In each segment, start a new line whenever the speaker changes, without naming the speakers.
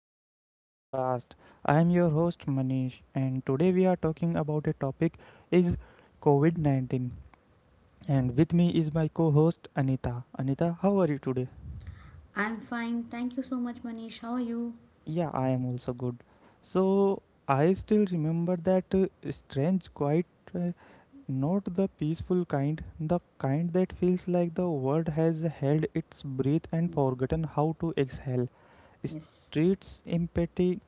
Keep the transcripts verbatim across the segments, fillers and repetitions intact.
welcome to the podcast. I am your host Manish, and today we are talking about a topic is COVID nineteen, and with me is my co-host Anita. Anita, how are you today?
I'm fine. Thank you so much, Manish. How are you?
Yeah, I am also good. So, I still remember that uh, strange quiet, uh, not the peaceful kind, the kind that feels like the world has held its breath and forgotten how to exhale.
Yes.
Streets empty,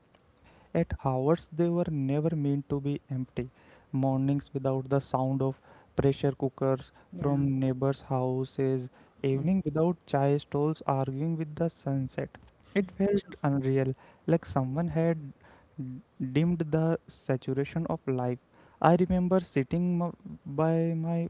at hours they were never meant to be empty. Mornings without the sound of pressure cookers
Yeah.
from neighbors' houses,
Yes.
evening without chai stalls arguing with the sunset. It
True.
felt unreal, like someone had d- dimmed the saturation of life. I remember sitting m- by my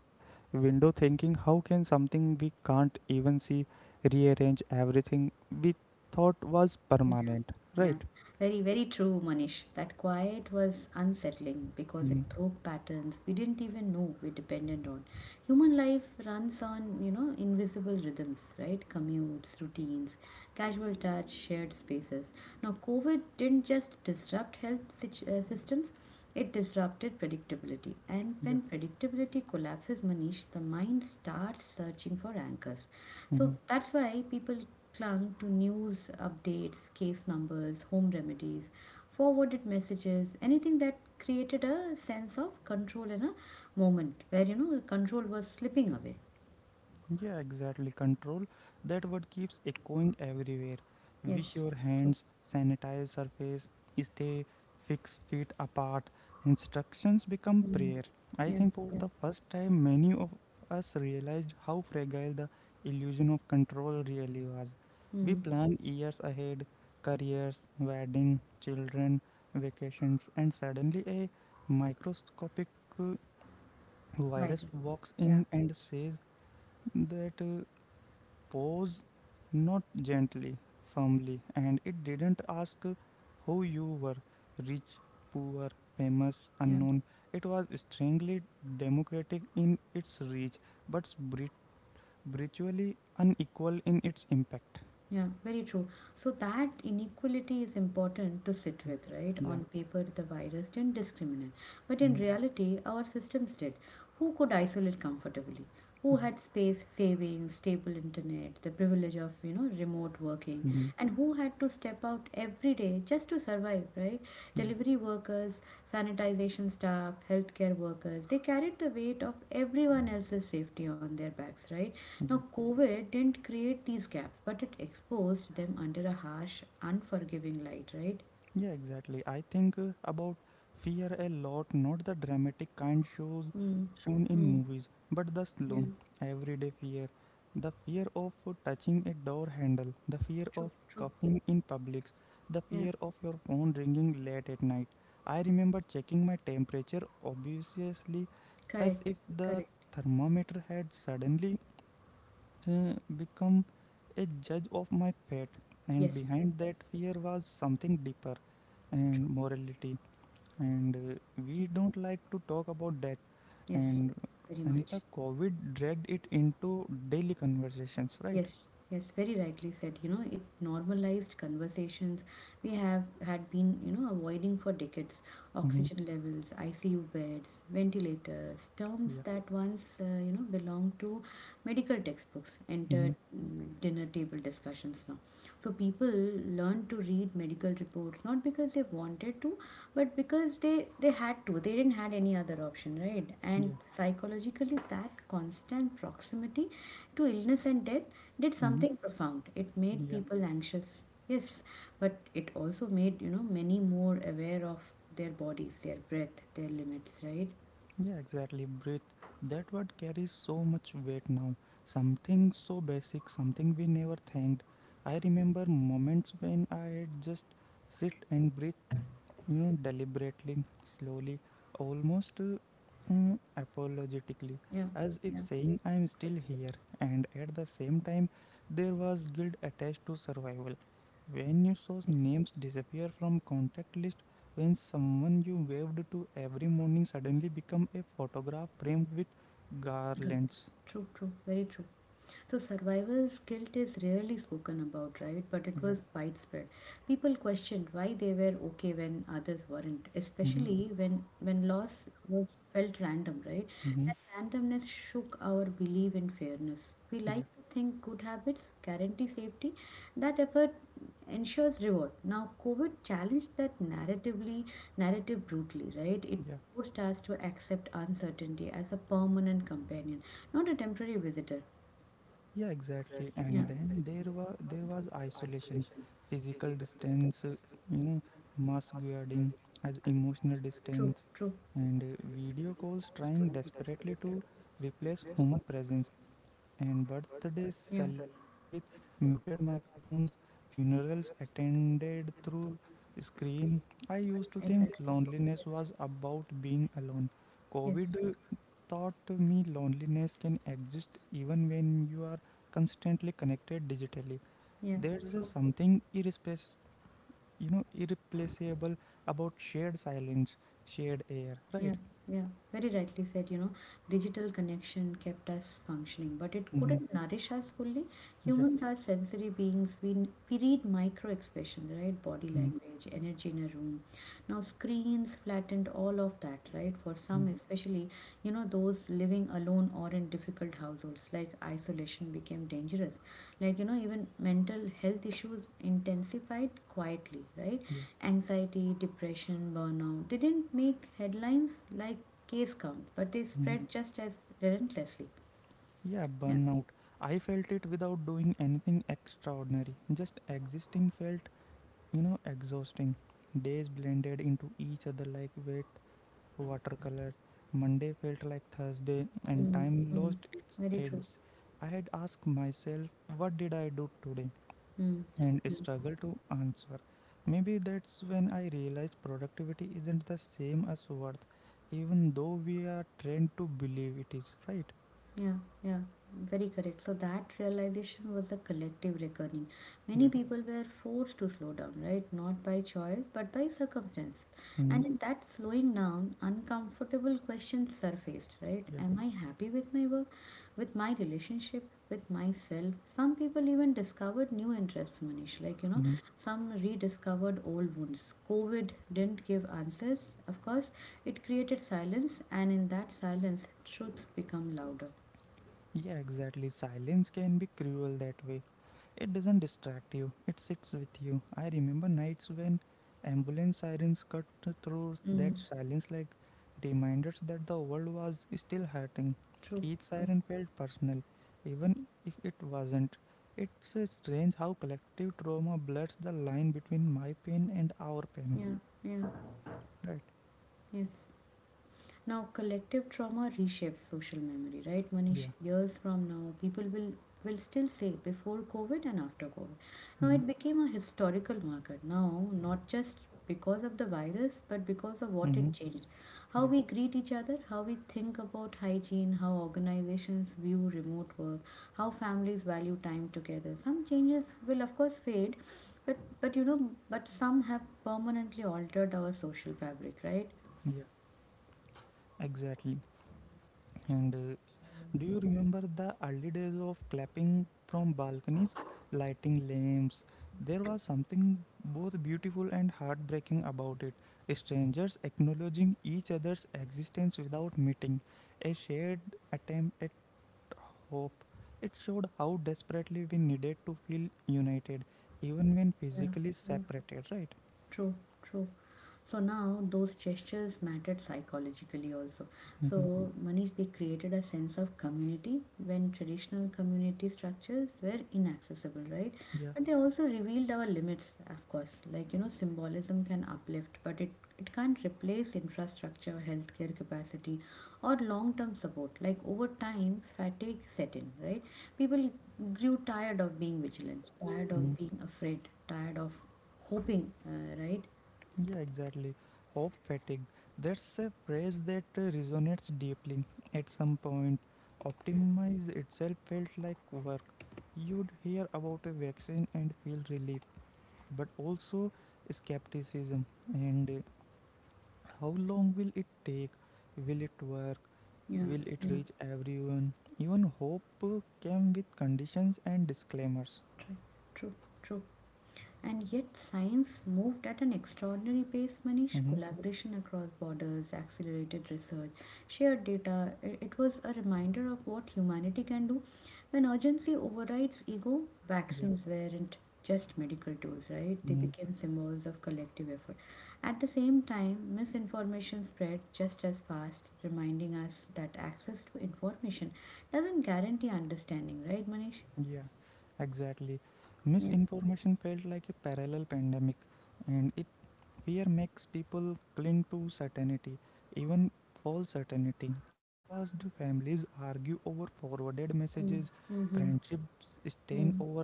window thinking, how can something we can't even see rearrange everything we thought was
Yeah,
permanent,
yeah.
right?
Very, very true, Manish. That quiet was unsettling because it
Mhm.
broke patterns we didn't even know we depended on. Human life runs on, you know, invisible rhythms, right? Commutes, routines, casual touch, shared spaces. Now, COVID didn't just disrupt health situ- uh, systems, it disrupted predictability. And
Yeah.
when predictability collapses, Manish, the mind starts searching for anchors. So
Mhm.
that's why people clung to news updates, case numbers, home remedies, forwarded messages, anything that created a sense of control in a moment where you know control was slipping away.
Yeah, exactly. Control. That word keeps echoing everywhere. Wash
Yes,
your
true.
hands, sanitize surface, stay fix feet apart. Instructions become
Mm.
prayer. I
Yeah,
think for
yeah.
the first time, many of us realized how fragile the illusion of control really was. We
Mm.
plan years ahead, careers, wedding, children, vacations, and suddenly a microscopic uh, virus
Vital.
walks
Yeah,
in and says that uh, pose, not gently, firmly, and it didn't ask who you were, rich, poor, famous,
yeah.
unknown. It was strangely democratic in its reach, but bri- virtually unequal in its impact.
Yeah, very true. So that inequality is important to sit
Yeah,
with, right?
yeah,
On paper, the virus didn't discriminate. But in
mm,
reality, our systems did. Who could isolate comfortably? Who
yeah,
had space savings, stable internet, the privilege of, you know, remote working?
mm,
And who had to step out every day just to survive, right?
yeah,
Delivery workers, sanitization staff, healthcare workers, they carried the weight of everyone else's safety on their backs, right?
yeah.
Now, COVID didn't create these gaps, but it exposed them under a harsh, unforgiving light, right?
Yeah, exactly. I think uh, about fear a lot, not the dramatic kind shows
Mm.
shown in
Mm.
movies, but the
Yeah,
slow, everyday fear. The fear of uh, touching a door handle, the fear of
true, true.
coughing in public, the
Yeah,
fear of your phone ringing late at night. I remember checking my temperature obviously, as
correct,
if the
correct.
thermometer had suddenly uh, become a judge of my fate, and
Yes,
behind that fear was something deeper
true.
and morality. And uh, we don't like to talk about death.
Yes,
And,
very much.
anita, covid dragged it into daily conversations, right?
Yes, yes, very rightly said. You know, it normalized conversations we have had been, you know, avoiding for decades.
Mm-hmm.
Oxygen levels, I C U beds, ventilators, terms
Yeah.
that once, uh, you know, belonged to medical textbooks,
Mm-hmm.
entered mm, dinner table discussions now. So people learned to read medical reports not because they wanted to, but because they they had to. They didn't had any other option, right? And
Yeah.
psychologically, that constant proximity to illness and death did
Mm-hmm.
something profound. It made
Yeah.
people anxious, yes, but it also made, you know, many more aware of their bodies, their breath, their limits, right?
Yeah, exactly. Breathe. That word carries so much weight now. Something so basic, something we never thanked. I remember moments when I just sit and breathe, you know deliberately, slowly, almost uh, mm, apologetically,
Yeah,
as if
yeah,
saying I am still here. And at the same time, there was guilt attached to survival, when you saw
yes,
names disappear from contact list, when someone you waved to every morning suddenly become a photograph framed with
good.
garlands.
True, true, very true. So, survivor's guilt is rarely spoken about, right? But it
Yeah.
was widespread. People questioned why they were okay when others weren't,
Mm-hmm.
especially when, when loss was felt random, right?
Mm-hmm.
That randomness shook our belief in fairness. We
Yeah.
like to think good habits guarantee safety. That effort ensures reward. Now, COVID challenged that narratively, narrative brutally, right? It
Yeah.
forced us to accept uncertainty as a permanent companion, not a temporary visitor
Yeah, exactly. And then there was there was isolation, physical distance, uh, you know, mask guarding as emotional distance,
true.
and uh, video calls trying desperately to replace human presence, and birthdays celebrated with muted microphones, funerals attended through screen. I used to think loneliness was about being alone.
Yes.
COVID taught me loneliness can exist even when you are constantly connected digitally.
Yeah.
There's a something irrespace, you know, irreplaceable about shared silence, shared air, right?
Yeah, yeah, very rightly said. You know, digital connection kept us functioning, but it
Mm-hmm.
couldn't nourish us fully.
Yeah.
Humans are sensory beings. We n- we read micro expressions, right? Body
Mm-hmm.
language, energy in a room. Now, screens flattened all of that, right? For
Mm-hmm.
some, especially, you know, those living alone or in difficult households, like isolation became dangerous. Like, you know, even mental health issues intensified quietly, right?
Yeah.
Anxiety, depression, burnout didn't make headlines like case count, but they
Mm-hmm.
spread just as relentlessly.
Yeah,
Yeah.
burnout. I felt it without doing anything extraordinary. Just existing felt, you know, exhausting. Days blended into each other like wet watercolors. Monday felt like Thursday, and
Mm,
time
mm.
lost its
Very true.
edge. I had asked myself, "What did I do today?"
Mm.
and struggled to answer. Maybe that's when I realized productivity isn't the same as worth, even though we are trained to believe it is, right?
Yeah, yeah, very correct. So that realization was a collective reckoning. Many
Yeah.
people were forced to slow down, right? Not by choice, but by circumstance.
Hmm.
And in that slowing down, uncomfortable questions surfaced, right?
Yeah.
Am I happy with my work, with my relationship, with myself? Some people even discovered new interests, Manish. Like, you know,
Hmm.
some rediscovered old wounds. COVID didn't give answers. Of course, it created silence, and in that silence, truths become louder.
Yeah, exactly. Silence can be cruel that way. It doesn't distract you, it sits with you. I remember nights when ambulance sirens cut through
Mm,
that silence like reminders that the world was still hurting.
true,
Each
true.
siren felt personal, even if it wasn't. It's uh, strange how collective trauma blurs the line between my pain and our pain,
Yeah, yeah,
right?
yes. Now, collective trauma reshapes social memory, right, Manish?
Yeah.
Years from now, people will will still say before COVID and after COVID. Now,
Mm-hmm.
it became a historical marker. Now, not just because of the virus, but because of what
Mm-hmm.
it changed, how
Yeah.
we greet each other, how we think about hygiene, how organizations view remote work, how families value time together. Some changes will, of course, fade, but but you know, but some have permanently altered our social fabric, right?
Yeah. Exactly. And uh, Do you remember the early days of clapping from balconies, lighting lamps? There was something both beautiful and heartbreaking about it. Strangers acknowledging each other's existence without meeting, a shared attempt at hope. It showed how desperately we needed to feel united, even when physically
Yeah.
separated, right?
住住。So now those gestures mattered psychologically also.
Mhm.
So Manish, they created a sense of community when traditional community structures were inaccessible, right?
Yeah.
But they also revealed our limits, of course. Like you know, symbolism can uplift, but it it can't replace infrastructure, healthcare capacity, or long-term support. Like over time, fatigue set in, right? People grew tired of being vigilant, tired
Mm-hmm.
of being afraid, tired of hoping, uh, right?
Yeah, exactly. Hope fatigue. That's a phrase that uh, resonates deeply. At some point, optimize itself felt like work. You'd hear about a vaccine and feel relief, but also skepticism. And uh, how long will it take? Will it work?
Yeah,
Will it
yeah.
reach everyone? Even hope uh, came with conditions and disclaimers.
True, true, true. And yet, science moved at an extraordinary pace, Manish.
Mm-hmm.
Collaboration across borders, accelerated research, shared data. It, it was a reminder of what humanity can do when urgency overrides ego.
Yeah.
Vaccines weren't just medical tools, right? They
Mm-hmm.
became symbols of collective effort. At the same time, misinformation spread just as fast, reminding us that access to information doesn't guarantee understanding, right, Manish?
Yeah, exactly.
Yeah.
Misinformation felt like a parallel pandemic, and it fear makes people cling to certainty, even false certainty. I watched families argue over forwarded messages,
Mm-hmm.
friendships stain
Mm,
over,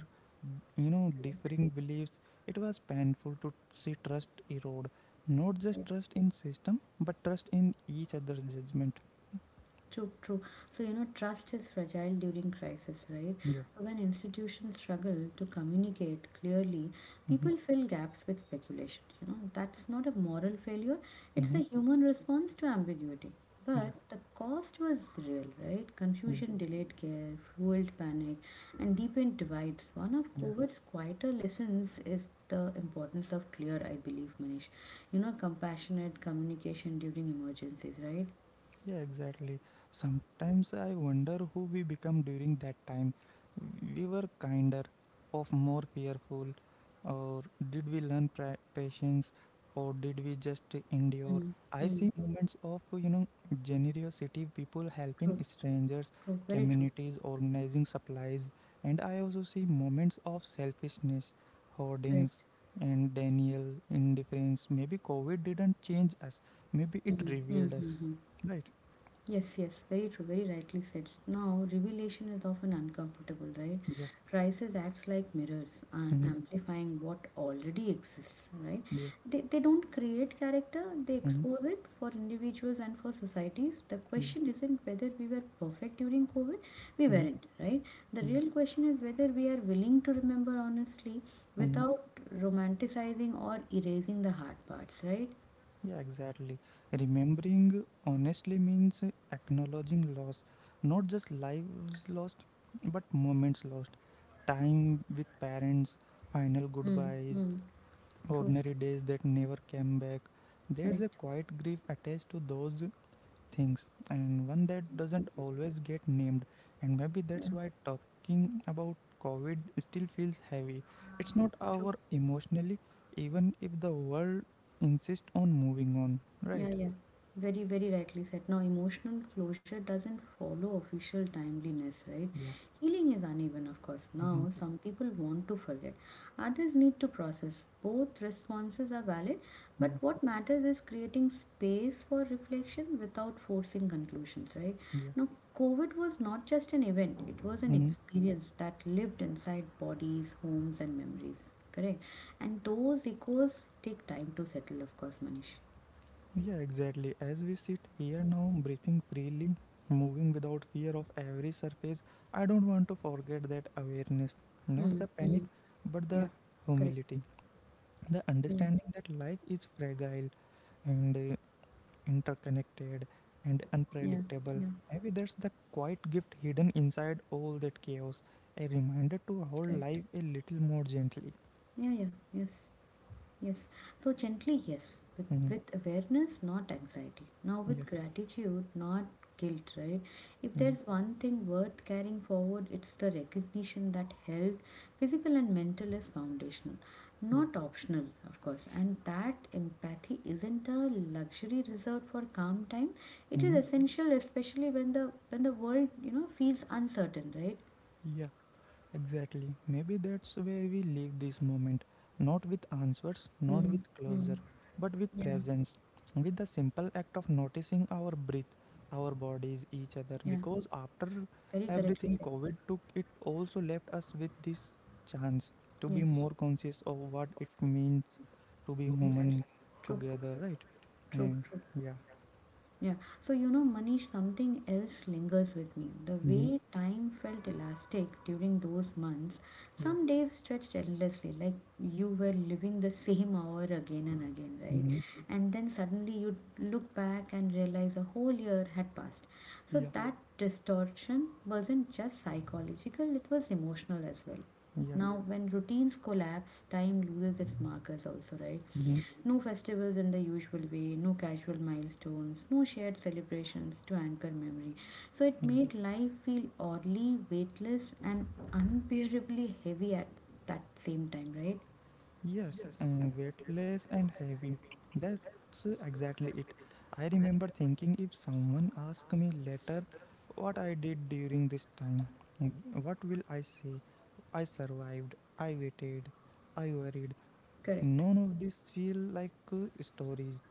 you know,
correct.
differing beliefs. It was painful to see trust erode, not just
I
trust in system, but trust in each other's judgment.
True, true. So, you know, trust is fragile during crisis, right?
Yeah.
So, when institutions struggle to communicate clearly,
Mm-hmm.
people fill gaps with speculation. You know, that's not a moral failure, it's
Mm-hmm.
a human response to ambiguity.
Yeah.
But the cost was real, right?
Yeah.
Confusion delayed care, fueled panic, and deepened divides. One of
Yeah.
COVID's quieter lessons is the importance of clear, I believe, Manish. You know, compassionate communication during emergencies, right?
Yeah, exactly. Sometimes I wonder who we become during that time. We were kinder, of more fearful, or did we learn pra- patience, or did we just endure?
Mm,
I
mm.
see moments of you know generosity, people helping
True,
strangers,
true, very true,
communities organizing supplies, and I also see moments of selfishness,
correct.
hoardings, and Daniel indifference. Maybe COVID didn't change us. Maybe it revealed us,
Mm-hmm.
right?
Yes, yes, very true, very rightly said. Now, revelation is often uncomfortable, right?
Yeah.
Crisis acts like mirrors, uh,
Mhm.
amplifying what already exists, right?
Yeah.
They, they don't create character, they
Mhm.
expose it for individuals and for societies. The
Yeah.
question isn't whether we were perfect during COVID, we
Mhm.
weren't, right? The
Yeah.
real question is whether we are willing to remember honestly
Mhm.
without romanticizing or erasing the hard parts, right?
Yeah, exactly. Remembering honestly means acknowledging loss, not just lives lost, but moments lost. Time with parents, final
Mm,
goodbyes,
mm. True.
ordinary days that never came back. There's a
Correct.
quiet grief attached to those things, and one that doesn't always get named. And maybe that's
Yeah.
why talking about covid still feels heavy. It's not
True.
our emotionally, even if the world insists on moving on,
Yeah,
right?
yeah. Very, very rightly said. Now, emotional closure doesn't follow official timeliness, right?
Yeah.
Healing is uneven, of course.
Hmm.
Now, some people want to forget, others need to process. Both responses are valid, but
Yeah.
what matters is creating space for reflection without forcing conclusions, right?
Yeah.
Now, COVID was not just an event, it was an
Hmm.
experience that lived inside bodies, homes, and memories, correct? And those echoes take time to settle, of course, Manish.
Yeah, exactly. As we sit here now, breathing freely, moving without fear of every surface, I don't want to forget that awareness. Not
Mm,
the panic,
mm,
but the
yeah, correct.
humility, the
Yeah,
understanding that life is fragile and uh, interconnected and
yeah,
unpredictable.
yeah,
Maybe that's the quiet gift hidden inside all that chaos, a reminder to hold
correct.
life a little more gently.
Yeah, yeah, yes. Yes, so gently, yes, with,
Hmm.
with awareness, not anxiety. Now, with
Yeah.
gratitude, not guilt, right? If
Yeah.
there's one thing worth carrying forward, it's the recognition that health, physical and mental, is foundational,
Yeah.
not optional, of course. And that empathy isn't a luxury reserved for calm time, it is
Hmm.
essential, especially when the when the world you know feels uncertain, right?
Yeah, exactly. Maybe that's where we leave this moment, not with answers, not
Mm,
with
mm,
closure, but with
yeah,
presence, with the simple act of noticing our breath, our bodies, each other.
yeah,
Because after
very correctly
everything
said.
COVID took, it also left us with this chance to be
Yes.
more conscious of what it means to be
Exactly.
human
True,
together, right?
true,
And
true.
yeah.
Yeah. So, you know, Manish, something else lingers with me. The
Hmm.
way time felt elastic during those months,
Yeah.
some days stretched endlessly, like you were living the same hour again and again, right?
Hmm.
And then suddenly you look back and realize a whole year had passed. So,
Yeah.
that distortion wasn't just psychological, it was emotional as well.
Yeah.
Now, when routines collapse, time loses its markers, also, right?
Hmm.
No festivals in the usual way, no casual milestones, no shared celebrations to anchor memory. So it made life feel oddly weightless and unbearably heavy at that same time, right?
Yes, uh, weightless and heavy. That's exactly it. I remember thinking if someone asked me later what I did during this time, w- what will I say? I survived, I waited, I worried.
Correct.
None of these feel like uh, stories,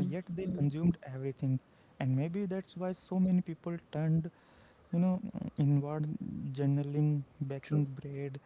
uh, yet they
Mm.
consumed everything. And maybe that's why so many people turned you know inward, journaling,
True.
baking bread,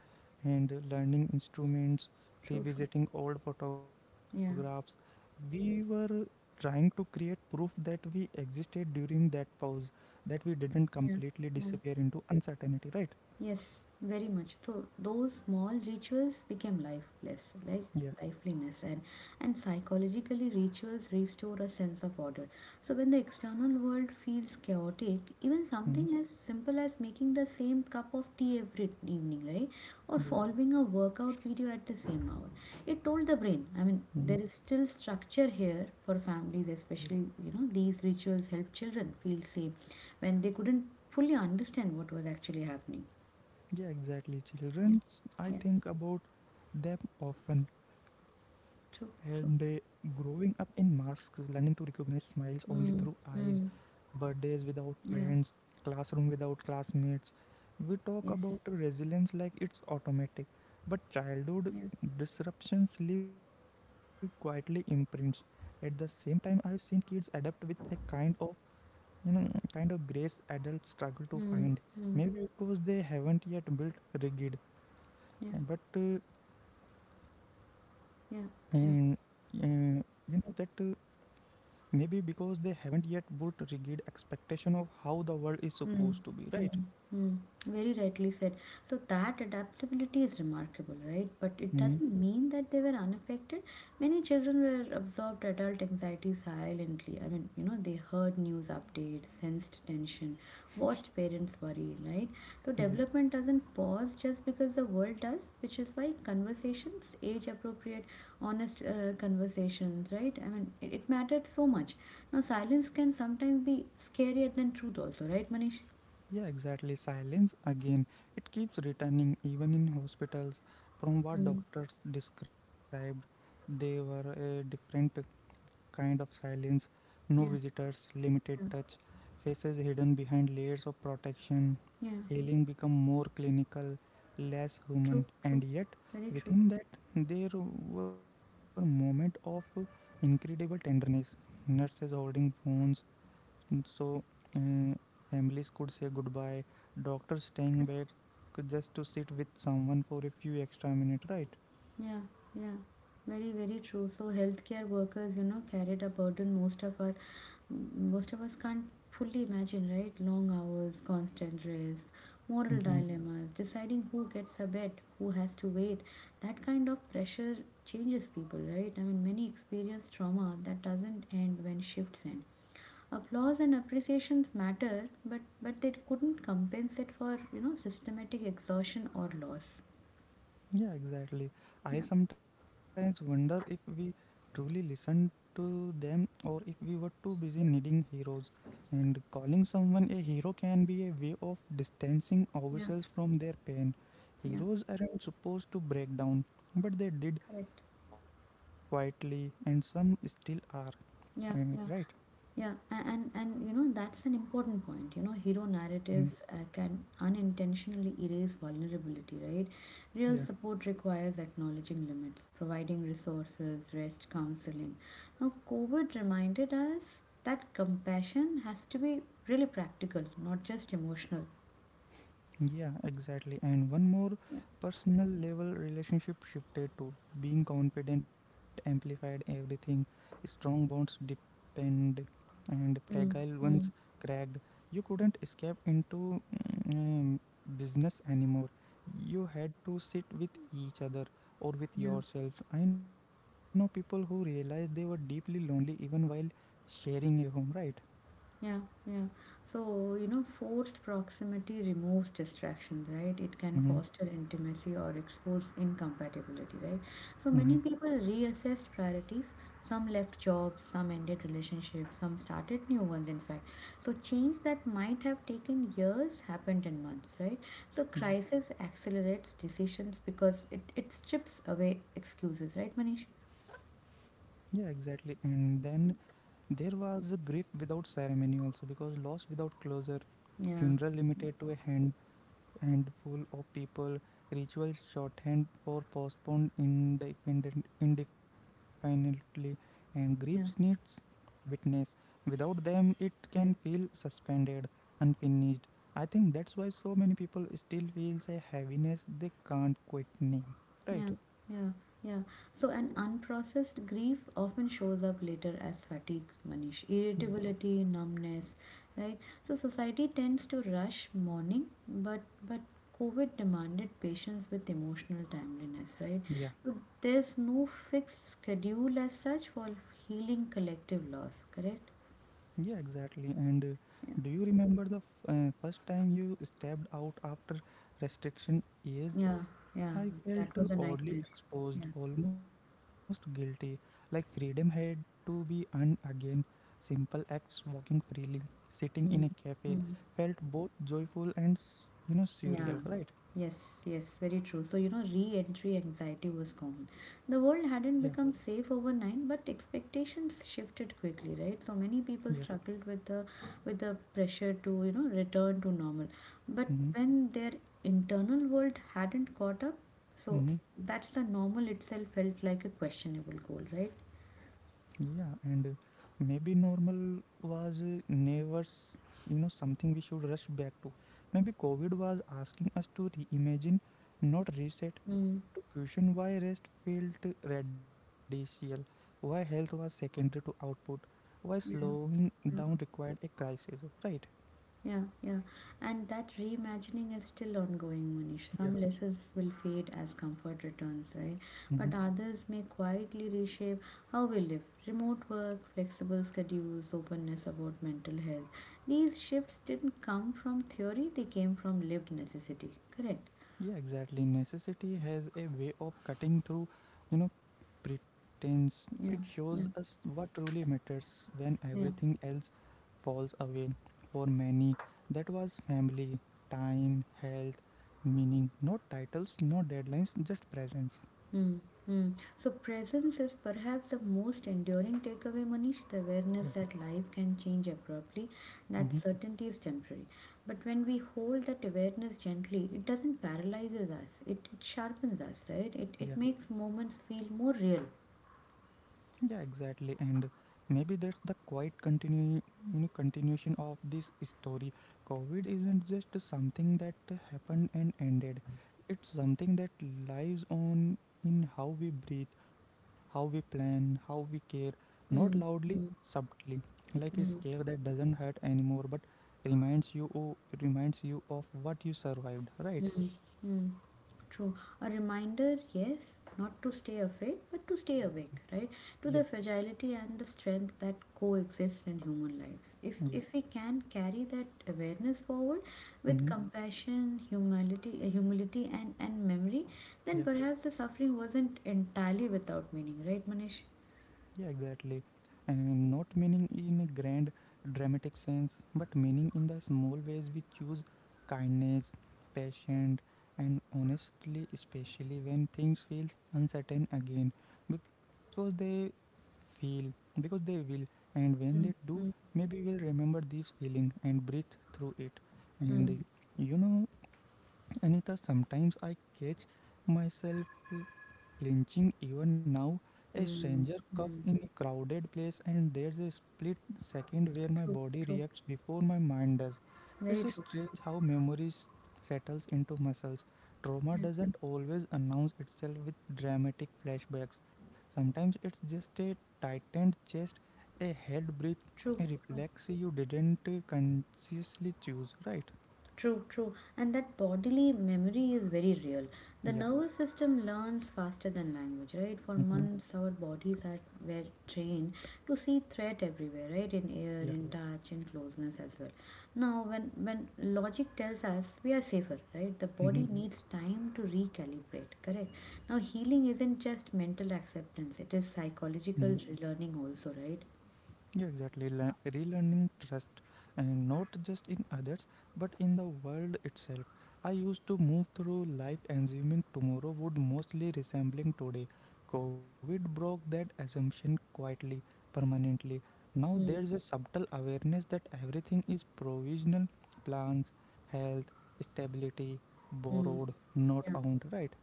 and learning instruments,
True, true.
revisiting old photographs.
Yeah.
We were trying to create proof that we existed during that pause, that we didn't completely
Yeah.
disappear
Yeah.
into uncertainty, right?
Yes, very much. So those small rituals became lifeless, like
Yeah.
liveliness, and and psychologically rituals restore a sense of order. So when the external world feels chaotic, even
Hmm.
something as simple as making the same cup of tea every evening, right, or
Yeah.
following a workout video at the same hour, it
Hmm.
told the brain. I mean, there is still structure here for families, especially you know these rituals help children feel safe when they couldn't fully understand what was actually happening
Yeah, exactly.
yeah,
Children, I
yeah,
think about them often, and uh,
true, true.
growing up in masks, learning to recognize smiles only through
Mm,
eyes,
mm,
birthdays without
yeah,
friends, classroom without classmates. We talk
yes,
about resilience like it's automatic, but childhood
yeah,
disruptions leave quietly imprints. At the same time, I have seen kids adapt with a kind of you know kind of grace adults struggle to
mm,
find,
mm,
maybe because they haven't yet built rigid
yeah,
uh, but uh, and,
yeah,
uh,
yeah.
you know that uh, maybe because they haven't yet built rigid expectation of how the world is supposed to be,
Mm,
right?
mm, mm. Very rightly said. So that adaptability is remarkable, right? But it
Mm.
doesn't mean that they were unaffected. Many children were absorbed adult anxiety silently. I mean, you know, they heard news updates, sensed tension, watched parents worry, right? So
Yeah.
development doesn't pause just because the world does, which is why conversations, age appropriate, honest uh, conversations, right? I mean, it, it mattered so much. Now, silence can sometimes be scarier than truth, also, right, Manish?
Yeah, exactly. Silence again, it keeps returning, even in hospitals. From what
Mm.
doctors described, they were a different kind of silence, no
Yeah,
visitors, limited
yeah,
touch, faces hidden behind layers of protection.
yeah.
Healing become more clinical, less
True,
human,
true.
and yet
Very true.
within that there were moments of incredible tenderness. Nurses holding phones so uh, families could say goodbye, doctors staying back
Correct.
just to sit with someone for a few extra minutes, right?
Yeah, yeah. Very, very true. So healthcare workers, you know, carried a burden most of us most of us can't fully imagine, right? Long hours, constant risk, moral
Hmm.
dilemmas, deciding who gets a bed, who has to wait. That kind of pressure changes people, right? I mean many experience trauma that doesn't end when shifts end. Applause and appreciations matter, but, but they couldn't compensate for, you know, systematic exhaustion or loss.
Yeah, exactly. I
Yeah,
sometimes wonder if we truly listened to them, or if we were too busy needing heroes. And calling someone a hero can be a way of distancing
yeah,
ourselves from their pain.
yeah.
Heroes aren't supposed to break down, but they did,
Correct.
quietly, and some still are.
Yeah,
Eh,
yeah,
right?
yeah. A- And, and, you know, that's an important point. You know, hero narratives uh,
Mm,
can unintentionally erase vulnerability, right? Real support
yeah.
requires acknowledging limits, providing resources, rest, counseling. Now, COVID reminded us that compassion has to be really practical, not just emotional.
Yeah, exactly. And one more personal level relationship shifted to being confident, amplified everything. Strong bonds depend and
Mm,
fragile ones
mm,
cracked. You couldn't escape into mm, business anymore. You had to sit with each other or with
yeah,
yourself. I know people who realized they were deeply lonely even while sharing a home, right?
yeah, yeah. So, you know, forced proximity removes distractions, right? It can
Mm-hmm.
foster intimacy or expose incompatibility, right? So, many
Mm-hmm.
people reassessed priorities. Some left jobs, some ended relationships, some started new ones, in fact. So, change that might have taken years happened in months, right? So,
Yeah.
crisis accelerates decisions because it, it strips away excuses, right, Manish?
Yeah, exactly. And then there was a grief without ceremony also because loss without closure, funeral
Yeah,
limited to a hand handful of people, ritual shorthand or postponed indefinite, indefinitely, and grief needs
yeah,
witness. Without them, it can feel
correct.
suspended, unfinished. I think that's why so many people still feels a heaviness they can't quite name.
Yeah,
Right?
yeah, yeah. So, an unprocessed grief often shows up later as fatigue, Manish,
Yeah.
irritability, numbness, right? So, society tends to rush mourning, but but COVID demanded patience with emotional timeliness, right?
Yeah.
So, there's no fixed schedule as such for healing collective loss, correct?
Yeah, exactly. And uh,
Yeah,
do you remember the f- uh, first time you stepped out after restriction eased?
yeah, yeah.
I felt
That
uh,
was a
oddly
nightmare.
exposed,
Yeah.
almost guilty, like freedom had to be earned again. Simple acts, walking freely, sitting in a
Mm,
cafe,
mm.
felt both joyful and s- you know surreal,
Yeah,
right?
yes, yes, very true. So, you know, re-entry anxiety was common. The
Yeah,
world hadn't become safe overnight, but expectations shifted quickly, right? So many
yeah.
people struggled with the with the pressure to, you know, return to normal. But
Mm-hmm.
when their internal world hadn't caught up, so
Mm-hmm.
that's the normal itself felt like a questionable goal, right?
Yeah, and uh, maybe normal was uh, never, s- you know, something we should rush back to. Maybe COVID was asking us to reimagine, not reset,
Mm.
to question why rest felt radical, why health was secondary to output, why
Yeah.
slowing down required a crisis, right?
Yeah, yeah. And that reimagining is still ongoing, Manish. Some lessons will fade as comfort returns, right?
Yeah.
But others may quietly reshape how we live. Remote work, flexible schedules, openness about mental health. These shifts didn't come from theory, they came from lived necessity. Correct?
Yeah, exactly. Necessity has a way of cutting through, you know, pretense. It
Yeah,
shows
yeah,
us what truly matters when
yeah.
everything else falls away. For many, that was family, time, health, meaning. No titles, no deadlines, just presence.
Mm, mm. So, presence is perhaps the most enduring takeaway, Manish, the
Yeah.
awareness that life can change abruptly, that
Mm-hmm.
certainty is temporary. But when we hold that awareness gently, it doesn't paralyzes us, it, it sharpens us, right? It, it
Yeah.
makes moments feel more real.
Yeah, exactly. And maybe that's the quiet continue, you know, continuation of this story. COVID isn't just something that happened and ended. It's something that lives on in how we breathe, how we plan, how we care, not
Mm,
loudly,
mm,
subtly, like a scare
mm,
that doesn't hurt anymore, but reminds you, oh, reminds you of what you survived, right?
mm, mm. True. A reminder, yes, not to stay afraid, but to stay awake, right?
Yeah,
To the fragility and the strength that coexist in human lives. If
yeah,
if we can carry that awareness forward with
mm-hmm.
compassion, humility, uh, humility and, and memory, then
Yeah.
perhaps the suffering wasn't entirely without meaning, right, Manish?
Yeah, exactly. And not meaning in a grand, dramatic sense, but meaning in the small ways we choose kindness, patience, and honestly, especially when things feel uncertain again, because they feel, because they will, and when they
Mm,
do,
mm,
maybe we'll remember this feeling and breathe through it. And uh,
mm,
you know, Anita, sometimes I catch myself flinching even now. A stranger
mm,
cough
mm.
in a crowded place, and there's a split second where my
True,
body
true.
reacts before my mind does.
Very
It's
true.
strange how memories settles into muscles. Trauma
Yeah.
doesn't always announce itself with dramatic flashbacks. Sometimes it's just a tightened chest, a held breath,
True,
a
true.
reflex you didn't uh, consciously choose, right?
True, true. And that bodily memory is very real. The
Yeah.
nervous system learns faster than language, right? For
Mm-hmm.
months, our bodies are were trained to see threat everywhere, right? In air,
Yeah.
in touch, in closeness as well. Now, when when logic tells us we are safer, right? The
Mm-hmm.
body needs time to recalibrate, correct? Now, healing isn't just mental acceptance; it is
Mm-hmm.
psychological learning also, right?
Yeah, exactly. Le- relearning trust, and not just in others, but in the world itself. I used to move through life assuming tomorrow would mostly resembling today. COVID broke that assumption quietly, permanently. Now
Mm.
there's a subtle awareness that everything is provisional plans, health, stability,
Mm.
borrowed, not owned, right?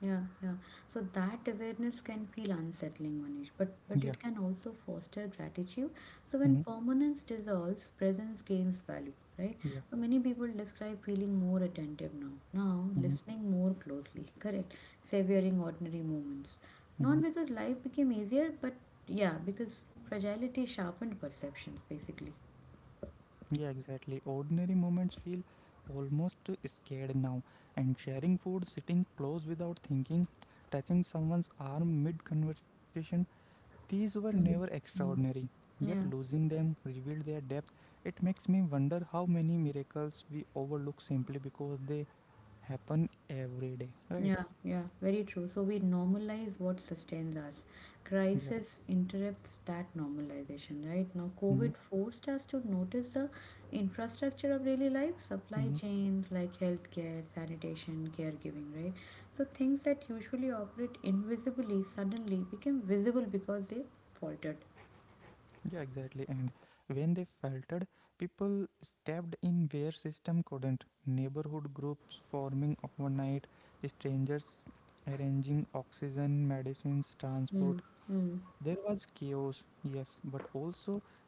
Yeah, yeah. So that awareness can feel unsettling, Manish, but
Yeah.
but it can also foster gratitude. So
Mm-hmm.
when permanence dissolves, presence gains value, right?
Yeah.
So many people describe feeling more attentive now, now
Mm-hmm.
listening more closely, correct? Savoring ordinary moments,
Mm-hmm.
not because life became easier, but yeah, because fragility sharpened perceptions, basically.
Yeah, exactly. Ordinary moments feel almost scared now. And sharing food, sitting close without thinking, touching someone's arm mid conversation, these were never
Mm. Mm.
extraordinary. Yet
Yeah.
losing them revealed their depth. It makes me wonder how many miracles we overlook simply because they happen every day, right?
Yeah, yeah, very true. So we normalize what sustains us.
Yeah.
Crisis interrupts that normalization, right? Now,
Mm-hmm.
COVID forced us to notice the infrastructure of daily life, supply
Mm-hmm.
chains like healthcare, sanitation, caregiving, right? So things that usually operate invisibly suddenly became visible because they faltered.
Yeah, exactly. And when they faltered, people stepped in where system couldn't. Neighborhood groups forming overnight, strangers arranging oxygen, medicines,
Mm,
transport.
mm.
There was chaos, yes, but also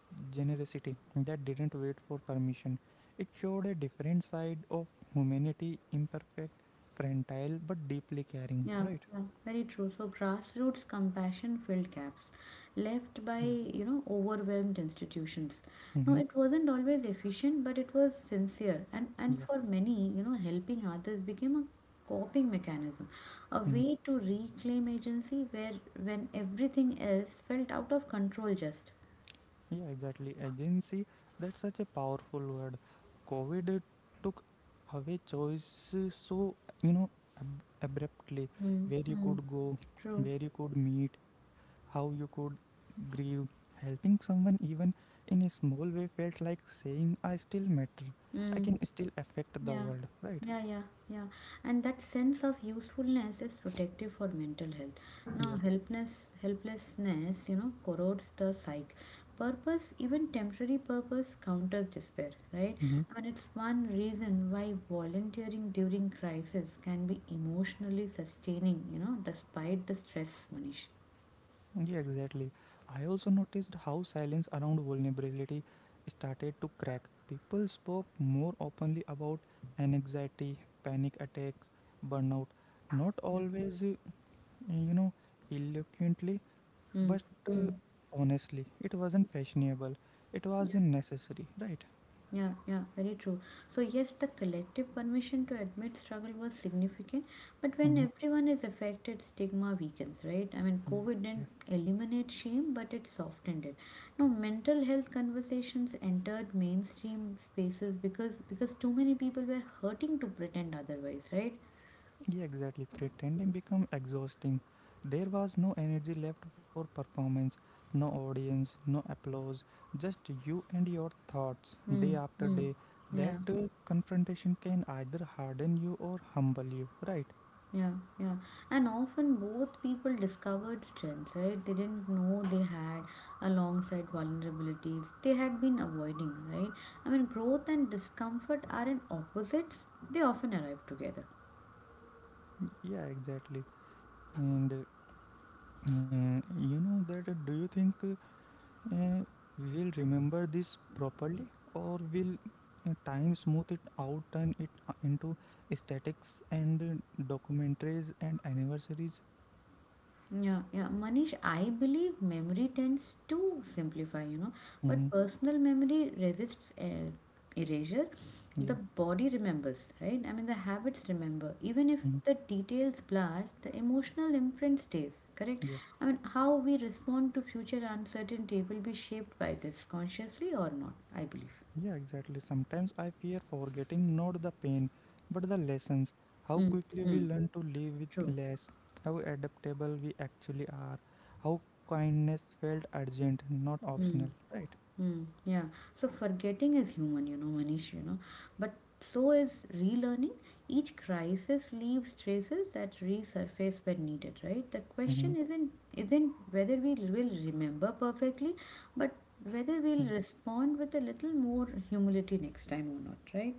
generosity that didn't wait for permission. It showed a different side of humanity, imperfect, fragile, but deeply caring,
Yeah,
right?
yeah, very true. So grassroots compassion filled gaps
Yeah.
left by, you know, overwhelmed institutions.
Mm-hmm.
No, it wasn't always efficient, but it was sincere and and
Yeah.
for many, you know, helping others became a coping mechanism, a
Mm.
way to reclaim agency where when everything else felt out of control just.
Yeah, exactly. Agency, that's such a powerful word. COVID uh, took away choice uh, so, you know, ab- abruptly
Mm,
where you
mm,
could go,
true.
where you could meet, how you could grieve. Helping someone, even in a small way, felt like saying, I still matter. I
Mm.
can still affect the
Yeah,
world, right?
yeah, yeah, yeah. And that sense of usefulness is protective for mental health. Now,
Yeah.
helpless, helplessness, you know, corrodes the psyche. Purpose, even temporary purpose, counters despair, right? I mean, it's one reason why volunteering during crisis can be emotionally sustaining, you know, despite the stress, Manish.
Yeah, exactly. I also noticed how silence around vulnerability started to crack. People spoke more openly about anxiety, panic attacks, burnout, not
Yeah.
always, uh, you know, eloquently, but
Mm,
uh,
mm.
honestly. It wasn't fashionable, it was necessary, right?
Yeah, yeah, very true. So, yes, the collective permission to admit struggle was significant, but when
Mm-hmm.
everyone is affected, stigma weakens, right? I mean,
Yeah.
COVID didn't eliminate shame, but it softened it. Now, mental health conversations entered mainstream spaces because because too many people were hurting to pretend otherwise, right?
Yeah, exactly. Pretending become exhausting. There was no energy left for performance, no audience, no applause, just you and your thoughts day
Mm,
after
mm,
day. That
yeah.
uh, confrontation can either harden you or humble you, right?
Yeah, yeah. And often both people discovered strengths, right? They didn't know they had alongside vulnerabilities they had been avoiding, right? I mean, growth and discomfort aren't opposites, they often arrive together.
Yeah, exactly. And uh, you know that uh, do you think uh, uh, we will remember this properly or will uh, time smooth it out turn it uh, into statics and uh, documentaries and anniversaries
Yeah, yeah, Manish, I believe memory tends to simplify, you know,
mm-hmm.
but personal memory resists uh, erasure. The
Yeah
body remembers, right? I mean, the habits remember. Even if
mhm,
the details blur, the emotional imprint stays, correct?
yeah
I mean, how we respond to future uncertainty will be shaped by this, consciously or not, I believe.
yeah exactly sometimes I fear forgetting not the pain but the lessons how
Mm,
quickly we
mm,
learn to live with
true.
less how adaptable we actually are how kindness felt urgent not
Mm.
optional right
Mm, yeah. So forgetting is human, you know, Manish, you know. But so is relearning. Each crisis leaves traces that resurface when needed, right? The question
mm-hmm.
isn't isn't whether we will remember perfectly, but
Yeah.
whether we'll respond with a little more humility next time or not, right?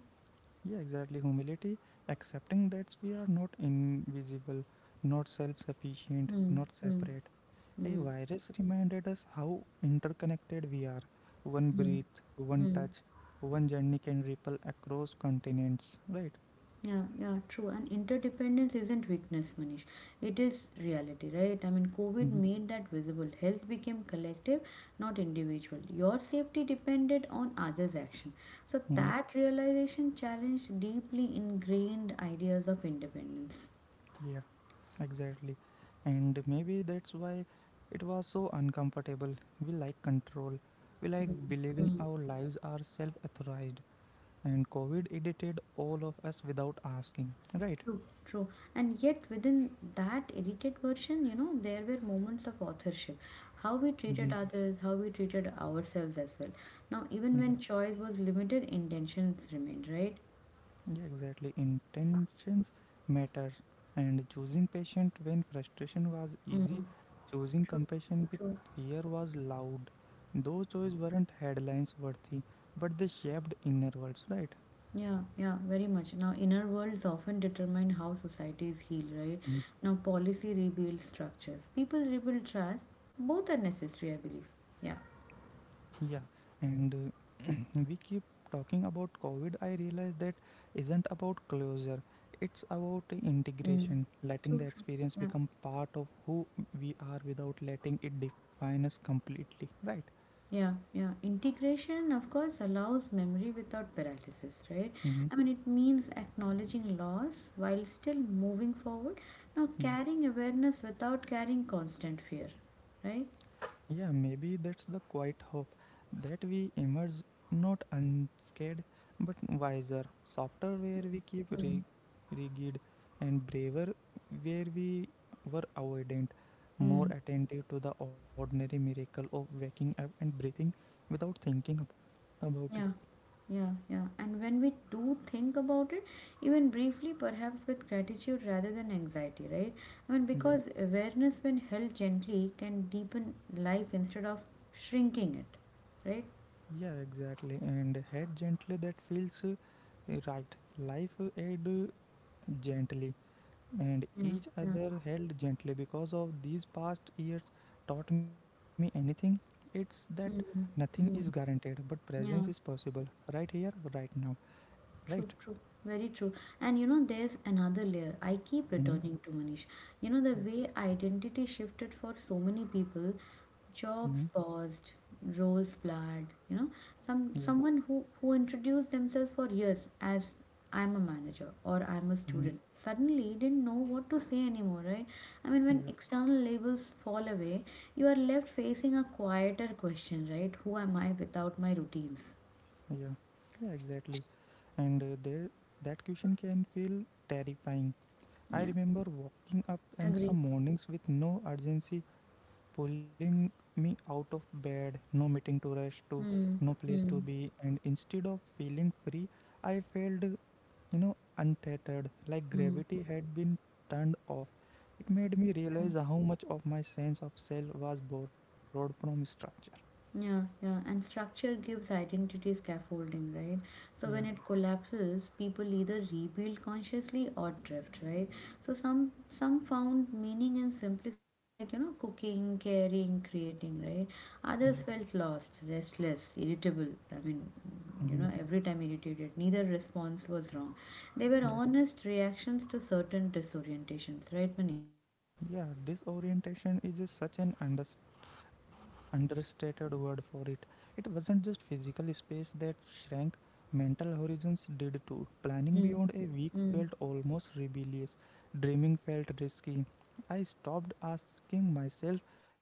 Yeah, exactly. Humility, accepting that we are not invisible, not self sufficient,
Mm,
not
mm,
separate. A
mm,
virus reminded us how interconnected we are. One
mm,
breath, one
mm.
touch, one journey can ripple across continents, right?
Yeah, yeah, true. And interdependence isn't weakness, Manish. It is reality, right? I mean, COVID
Hmm.
made that visible. Health became collective, not individual. Your safety depended on others' action. So
Hmm.
that realization challenged deeply ingrained ideas of independence.
Yeah, exactly. And maybe that's why it was so uncomfortable. We like control, we like believing our lives are self authorized. And COVID edited all of us without asking, right?
True, true. And yet, within that edited version, you know, there were moments of authorship. How we
Mhm.
treated others, how we treated ourselves as well. Now, even
Yeah.
when choice was limited, intentions remained, right?
Yeah, exactly, intentions matter and choosing patient when frustration was easy
Mm.
choosing
True,
compassion with
true.
fear was loud those choices weren't headlines worthy but they shaped inner worlds, right?
Yeah, yeah, very much. Now, inner worlds often determine how societies heal, right?
Mhm.
Now, policy rebuilds structures, people rebuild trust. Both are necessary, I believe. Yeah.
Yeah, and uh, we keep talking about COVID I realize that isn't about closure it's about
Mm.
integration letting
True,
the
true.
experience
Yeah.
become part of who we are without letting it define us completely, right?
Yeah, yeah. Integration, of course, allows memory without paralysis, right?
Mm-hmm.
I mean, it means acknowledging loss while still moving forward. Now,
Yeah.
carrying awareness without carrying constant fear, right?
Yeah, maybe that's the quiet hope that we emerge not unscared but wiser, softer where we keep
Mm.
ri- rigid, and braver where we were avoidant, more
Mm.
attentive to the ordinary miracle of waking up and breathing without thinking ab- about it.
Yeah, yeah, yeah. And when we do think about it, even briefly, perhaps with gratitude rather than anxiety, right? I mean,
Yeah,
because awareness, when held gently, can deepen life instead of shrinking it, right?
yeah, exactly. And head gently that feels uh, right. Life uh, aid uh, gently and
Yeah,
each
yeah.
other held gently because of these past years taught me anything it's that
Mm,
nothing is
mm.
guaranteed but presence is
Yeah,
possible right here right now, right?
true, true, very true. And you know, there's another layer I keep
Mm-hmm.
returning to, Manish. You know, the
Yeah.
way identity shifted for so many people,
Mm-hmm.
jobs paused, roles blurred, you know, some
Yeah.
someone who who introduced themselves for years as I'm a manager or I'm a
Mm-hmm.
student suddenly didn't know what to say anymore, right? I mean, when
Yeah.
external labels fall away, you are left facing a quieter question, right? Who am I without my routines?
Yeah, yeah, exactly. And uh, there that question can feel terrifying I
Yeah.
remember waking up and
Agree.
some mornings with no urgency pulling me out of bed, no meeting to rush to,
Mm,
no place to
mm,
be, and instead of feeling free, I felt, you know, untethered, like
mm.
gravity had been turned off. It made me
Yeah.
realize how much of my sense of self was borrowed from structure.
Yeah, yeah. And structure gives identity scaffolding, right? So
Yeah,
when it collapses, people either rebuild consciously or drift, right? So some some found meaning in simplicity, like you know, cooking, caring, creating, right?
yeah,
Others felt lost, restless, irritable. I mean, you
mhm,
know, every time irritated. Neither response was wrong. They were
yeah,
honest reactions to certain disorientations, right, Manish?
yeah. Disorientation is a, such an understatement understated word for it. It wasn't just physical space that shrank, mental horizons did too. Planning
Mm,
beyond a week
mm,
felt almost rebellious, dreaming felt risky. I stopped asking myself,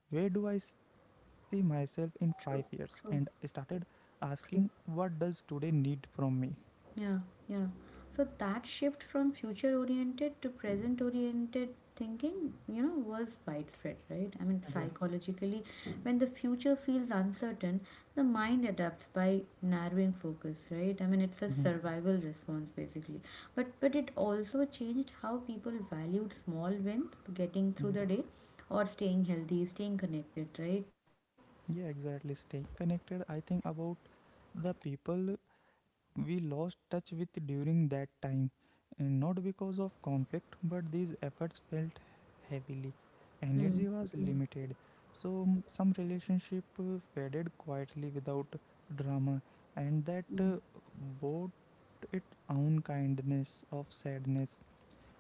where do I see myself in five years? And
true, true,
started asking,
true.
what does today need from me?
Yeah, yeah. So that shift from future oriented to present oriented thinking, you know, was widespread, right? I mean,
Yeah.
psychologically, when the future feels uncertain, the mind adapts by narrowing focus, right? I mean, it's a
Hmm.
survival response basically. But but it also changed how people valued small wins, getting through the
Yeah.
day, or staying healthy, staying connected, right?
Yeah, exactly. Staying connected, I think about the people we lost touch with during that time, and not because of conflict, but these efforts felt heavily.
Mm,
Energy was limited, so mm, some relationship uh, faded quietly without drama, and that
mm,
uh, brought its own kindness of sadness.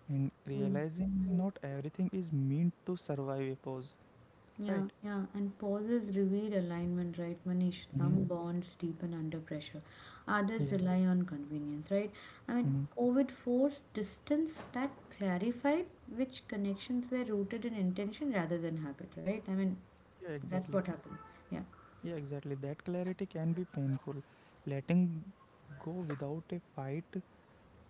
And
mm.
realizing not everything is meant to survive a pause,
Yeah,
right?
yeah, and pauses reveal alignment, right, Manish?
Mm-hmm.
Some bonds deepen under pressure, others
Yeah.
rely on convenience, right? I mean,
Mm-hmm.
COVID forced distance that clarified which connections were rooted in intention rather than habit, right? I mean,
Yeah,
that's
exactly.
what happened. Yeah.
Yeah, exactly. That clarity can be painful. Letting go without a fight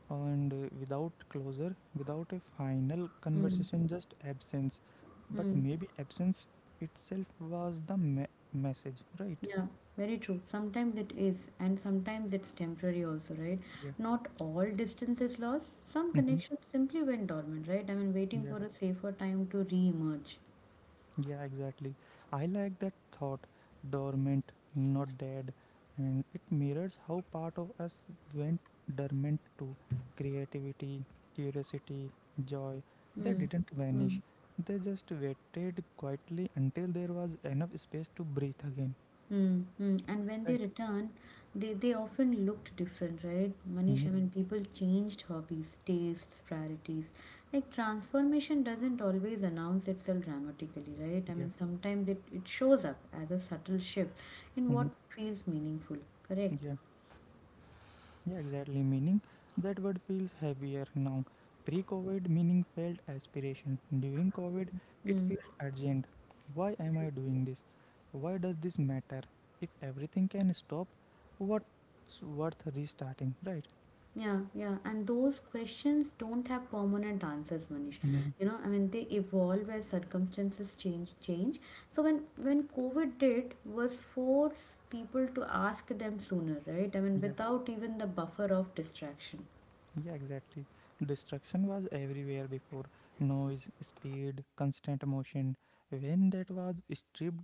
and uh, without closure, without a final
Mm.
conversation, just absence. But
Mm.
maybe absence itself was the me- message, right?
Yeah, very true. Sometimes it is, and sometimes it's temporary also, right?
Yeah.
Not all distance is lost. Some
Mm-hmm.
connections simply went dormant, right? I mean, waiting for a safer time to re emerge.
Yeah, exactly. I like that thought, dormant, not dead, and it mirrors how part of us went dormant too. Creativity, curiosity, joy, they
Mm,
didn't
mm,
vanish. They just waited quietly until there was enough space to breathe again.
mm, mm. And when they
Right?
return, they, they often looked different, right? Manish,
Mm-hmm.
I mean, people changed hobbies, tastes, priorities. Like transformation doesn't always announce itself dramatically, right? I
Yeah.
mean, sometimes it, it shows up as a subtle shift in
Mm-hmm.
what feels meaningful, correct?
Yeah. Yeah, exactly. Meaning that word feels heavier now. Pre COVID, meaning felt aspiration. During COVID, it
Hmm.
feels urgent. Why am I doing this? Why does this matter? If everything can stop, what's worth restarting, right?
Yeah, yeah, and those questions don't have permanent answers, Manish.
Mhm.
You know, I mean, they evolve as circumstances change. Change. So when when COVID did was force people to ask them sooner, right? I mean,
Yeah.
without even the buffer of distraction.
Yeah, exactly. Destruction was everywhere before. Noise, speed, constant motion. When that was stripped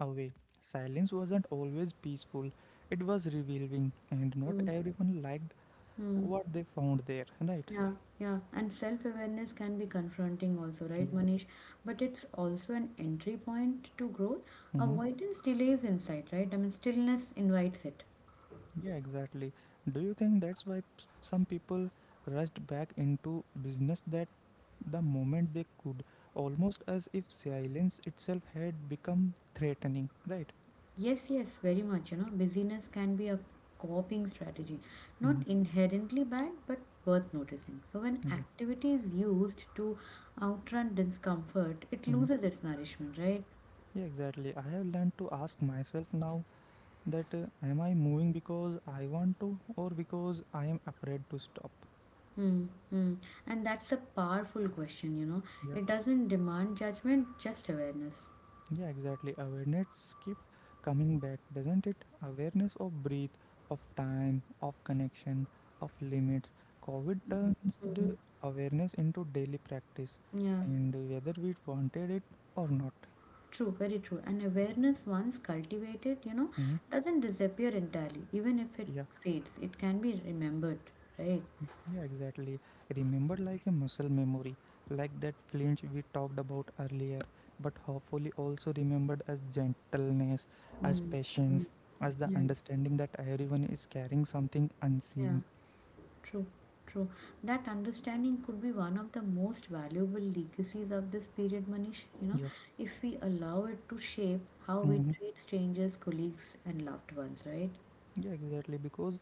away, silence wasn't always peaceful. It was revealing, and not everyone liked
Mm-hmm.
what they found there, right?
Yeah, yeah, and self-awareness can be confronting also, right,
Yeah.
Manish? But it's also an entry point to growth.
Mm-hmm.
Avoidance delays insight, right? I mean, stillness invites it.
Yeah, exactly. Do you think that's why p- some people rushed back into business that the moment they could, almost as if silence itself had become threatening, right?
Yes, yes, very much. You know, busyness can be a coping strategy,
Mm-hmm.
not inherently bad, but worth noticing. So, when
Yeah.
activity is used to outrun discomfort, it
Mhm.
loses its nourishment, right?
Yeah, exactly. I have learned to ask myself now that uh, am I moving because I want to or because I am afraid to stop?
Hmm, hmm. And that's a powerful question, you know.
Yeah.
It doesn't demand judgment, just awareness.
Yeah, exactly. Awareness keep coming back, doesn't it? Awareness of breath, of time, of connection, of limits. COVID
Mhm.
turns the
Mhm.
awareness into daily practice,
Yeah,
and whether we wanted it or not.
true, very true. And awareness, once cultivated, you know,
Mhm.
doesn't disappear entirely. Even if
Yeah.
it fades, it can be remembered, right?
Yeah, exactly. Remember like a muscle memory, like that flinch we talked about earlier, but hopefully also remembered as gentleness, as
Mm, mm,
patience, as the
yeah,
understanding that everyone is carrying something
yeah,
unseen.
true, true. That understanding could be one of the most valuable legacies of this period, Manish. You know,
Yeah.
if we allow it to shape how we
Hmm.
treat strangers, colleagues, and loved ones, right?
Yeah, exactly. Because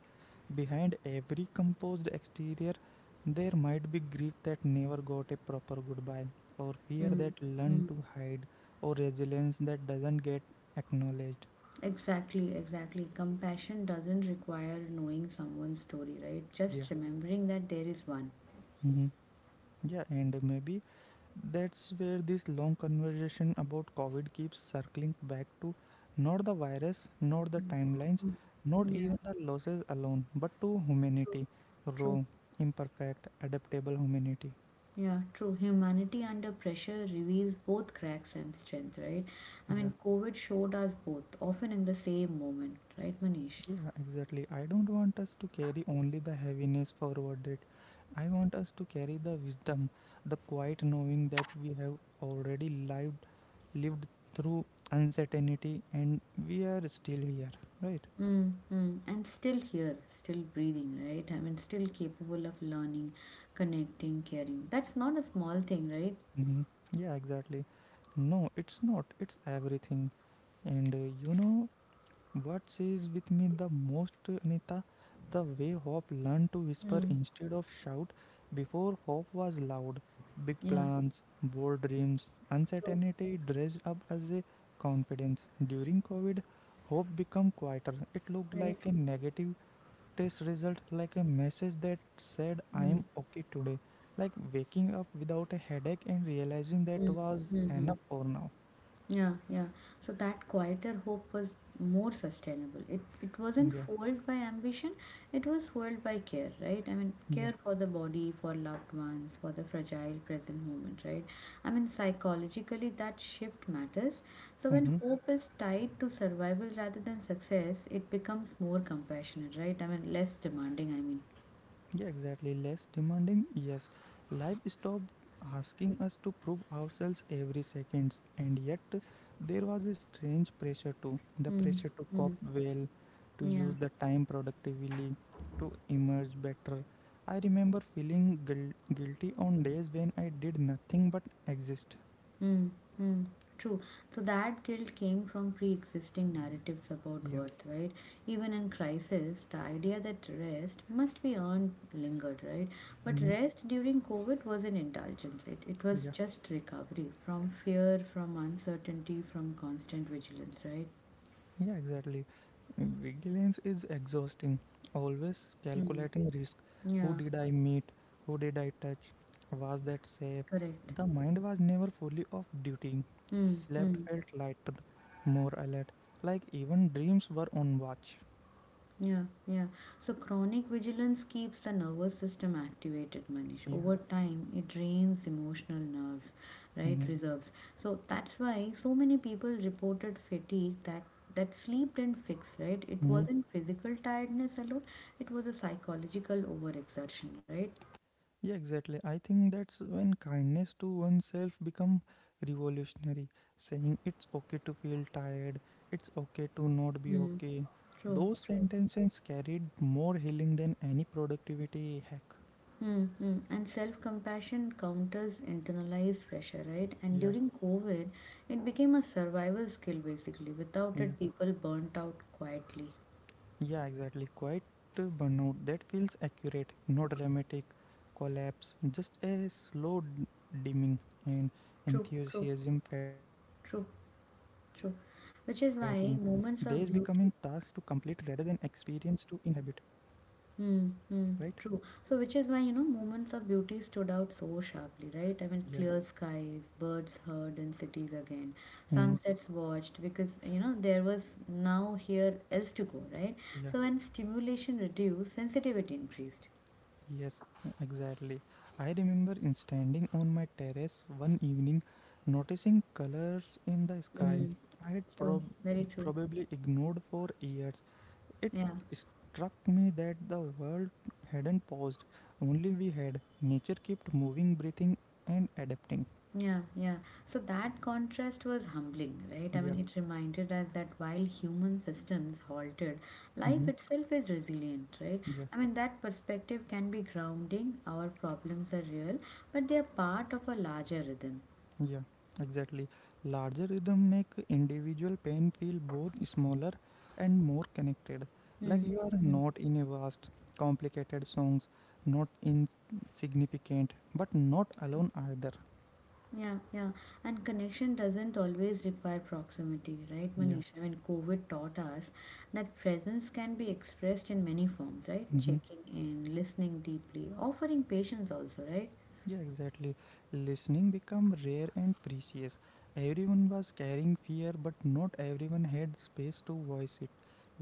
behind every composed exterior, there might be grief that never got a proper goodbye, or fear
Mm,
that learned
mm.
to hide, or resilience that doesn't get acknowledged.
Exactly, exactly. Compassion doesn't require knowing someone's story, right?
Yeah.
Just remembering that there is one.
Hmm. Yeah, and maybe that's where this long conversation about COVID keeps circling back to not the virus, not the timelines,
Mm.
not
Yeah,
even the losses alone, but to
true,
humanity,
true.
raw, imperfect, adaptable humanity.
Yeah, true. Humanity under pressure reveals both cracks and strength, right? I
Yeah,
mean, COVID showed us both, often in the same moment, right, Manish?
yeah, exactly. I don't want us to carry only the heaviness forward it. I want us to carry the wisdom, the quiet knowing that we have already lived lived through uncertainty and we are still here, right?
Mm-hmm. And still here, still breathing, right? I mean, still capable of learning, connecting, caring. That's not a small thing, right?
Hmm. Yeah, exactly. No, it's not. It's everything. And uh, you know what says with me the most, uh, Anita? The way Hope learned to whisper
Mm.
instead of shout. Before, Hope was loud. Big
Yeah,
plans, bold dreams,
true.
uncertainty dressed up as a confidence. During COVID, Hope became quieter. It looked
Very
like a negative test result like a message that said
true.
I'm
Mm,
okay today, like waking up without a headache and realizing that
mm,
was
mm-hmm.
enough for now.
Yeah, yeah. So that quieter hope was more sustainable. It it
Yeah,
wasn't fueled by ambition, it was fueled by care, right? I mean,
yeah.
care for the body, for loved ones, for the fragile present moment, right? I mean, psychologically that shift matters. So when
Mm-hmm.
hope is tied to survival rather than success, it becomes more compassionate, right? I mean, less demanding, I mean.
Yeah, exactly. Less demanding, yes. Life stopped asking us to prove ourselves every second, and yet there was a strange pressure too. The
Mm,
pressure to cop
mm,
well, to
yeah.
use the time productively, to emerge better. I remember feeling guil- guilty on days when I did nothing but exist.
Mm, mm, true. So that guilt came from pre existing narratives about
Yeah.
worth, right? Even in crisis, the idea that rest must be earned lingered, right? But
Mhm.
rest during COVID wasn't indulgence, it, it was
Yeah.
just recovery from fear, from uncertainty, from constant vigilance, right?
Yeah, exactly. Vigilance is exhausting. Always
Mm,
calculating risk. Who
yeah,
did I meet? Who did I touch? Was that safe?
correct.
The mind was never fully off duty.
Mm,
Slept
mm.
felt lighter, more alert. Like even dreams were on watch.
Yeah, yeah. So chronic vigilance keeps the nervous system activated, Manish.
Yeah.
Over time, it drains emotional nerves, right?
Mm-hmm.
Reserves. So that's why so many people reported fatigue that that sleep didn't fix, right? It
Mm-hmm.
wasn't physical tiredness alone, it was a psychological overexertion, right?
Yeah, exactly. I think that's when kindness to oneself become revolutionary. Saying it's okay to feel tired, it's okay to not be
Mm.
okay.
True,
Those
true.
sentences carried more healing than any productivity hack.
Mm-hmm. And self compassion counters internalized pressure, right? And
Yeah,
during COVID, it became a survival skill basically. Without
yeah.
it, people burnt out quietly.
Yeah, exactly. Quite uh, burnout. That feels accurate. No dramatic collapse, just a slow d- dimming and
True, true,
enthusiasm fading,
true,
curiosity shrinking,
true.
days
Which is
becoming
why
tasks to
moments of
complete
beauty
rather than experience to inhabit.
Hmm. Mm,
Right?
true. So, which is why, you know, moments of beauty stood out so sharply, right? I mean,
Yeah.
clear skies, birds heard in cities again,
Mm.
sunsets watched because, you know, there was now here else to go, right?
Yeah.
So, when stimulation reduced, sensitivity increased.
Yes, e- exactly. I remember in standing on my terrace one evening, noticing colors in the sky.
Mm,
I had
true,
prob-
very true.
probably ignored for years. It
Yeah.
struck me that the world hadn't paused, only we had. Nature kept moving, breathing, and adapting.
Yeah, yeah. So that contrast was humbling, right? I
Yeah,
mean, it reminded us that while human systems halted, life
hmm,
itself is resilient, right?
yeah,
I mean, that perspective can be grounding. Our problems are real, but they are part of a larger rhythm.
yeah, exactly. Larger rhythm make individual pain feel both smaller and more connected. Like
Hmm.
you are
Hmm.
not in a vast, complicated songs, not insignificant, but not alone either.
Yeah, yeah. And connection doesn't always require proximity, right,
Yeah.
Manish? I mean, COVID taught us that presence can be expressed in many forms, right?
Mm-hmm.
Checking in, listening deeply, offering patience also, right?
Yeah, exactly. Listening become rare and precious. Everyone was carrying fear, but not everyone had space to voice it.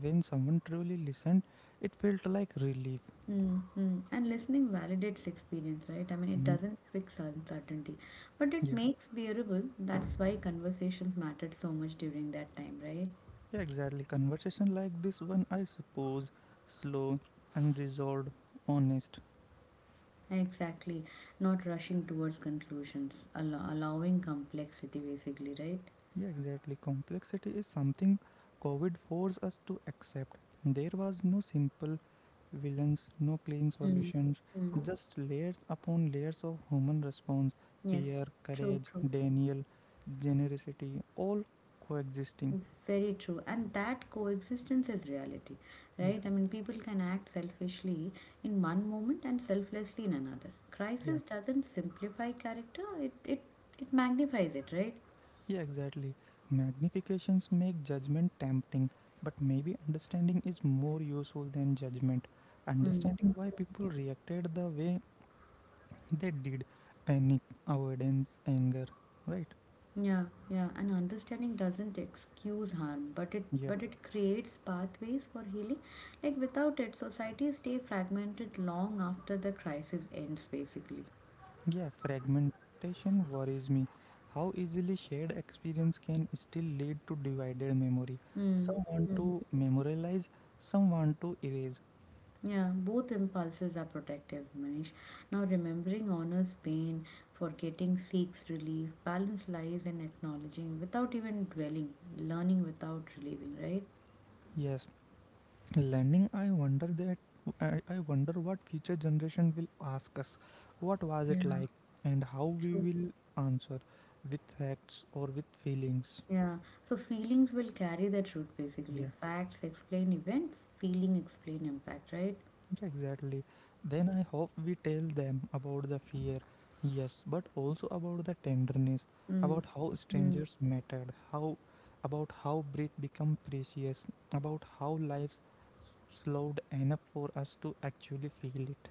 When someone truly listened, it felt like relief.
Mm-hmm. And listening validates experience, right? I mean, it
Mhm.
doesn't fix uncertainty, but it
Yeah,
makes bearable. That's why conversations mattered so much during that time, right?
yeah, exactly. Conversation like this one, I suppose, slow, unresolved, honest.
Exactly. Not rushing towards conclusions, allow allowing complexity, basically, right?
Yeah, exactly. Complexity is something COVID forced us to accept. There was no simple villains, no clean solutions,
Mm-hmm.
just layers upon layers of human response,
Yes,
fear,
true,
courage,
true.
denial, generosity, all coexisting.
Very true, and that coexistence is reality,
Yeah,
right? I mean, people can act selfishly in one moment and selflessly in another.
yeah,
Crisis doesn't simplify character; it it it magnifies it, right?
yeah, exactly. Magnifications make judgment tempting, but maybe understanding is more useful than judgment.
Mm.
Understanding why people reacted the way they did, panic, avoidance, anger, right?
Yeah, yeah. And understanding doesn't excuse harm, but it
Yeah.
but it creates pathways for healing. Like without it, societies stay fragmented long after the crisis ends, basically.
Yeah, fragmentation worries me. How easily shared experience can still lead to divided memory.
Mm.
Some want
Mm.
to memorialize, some want to erase.
Yeah, both impulses are protective, Manish. Now, remembering honors pain, forgetting seeks relief, balance lies in acknowledging without even dwelling, learning without relieving, right?
Yes, learning. I wonder that. I I wonder what future generation will ask us. What was
Yeah,
it like, and how we
true.
will answer with facts or with feelings.
Yeah, so feelings will carry the truth basically.
Yeah.
Facts explain events, feeling explain impact, right?
Yeah, exactly. Then I hope we tell them about the fear, yes, but also about the tenderness,
Mm.
about how
Mm.
strangers mattered, how about how breath become precious, about how lives s- slowed enough for us to actually feel it.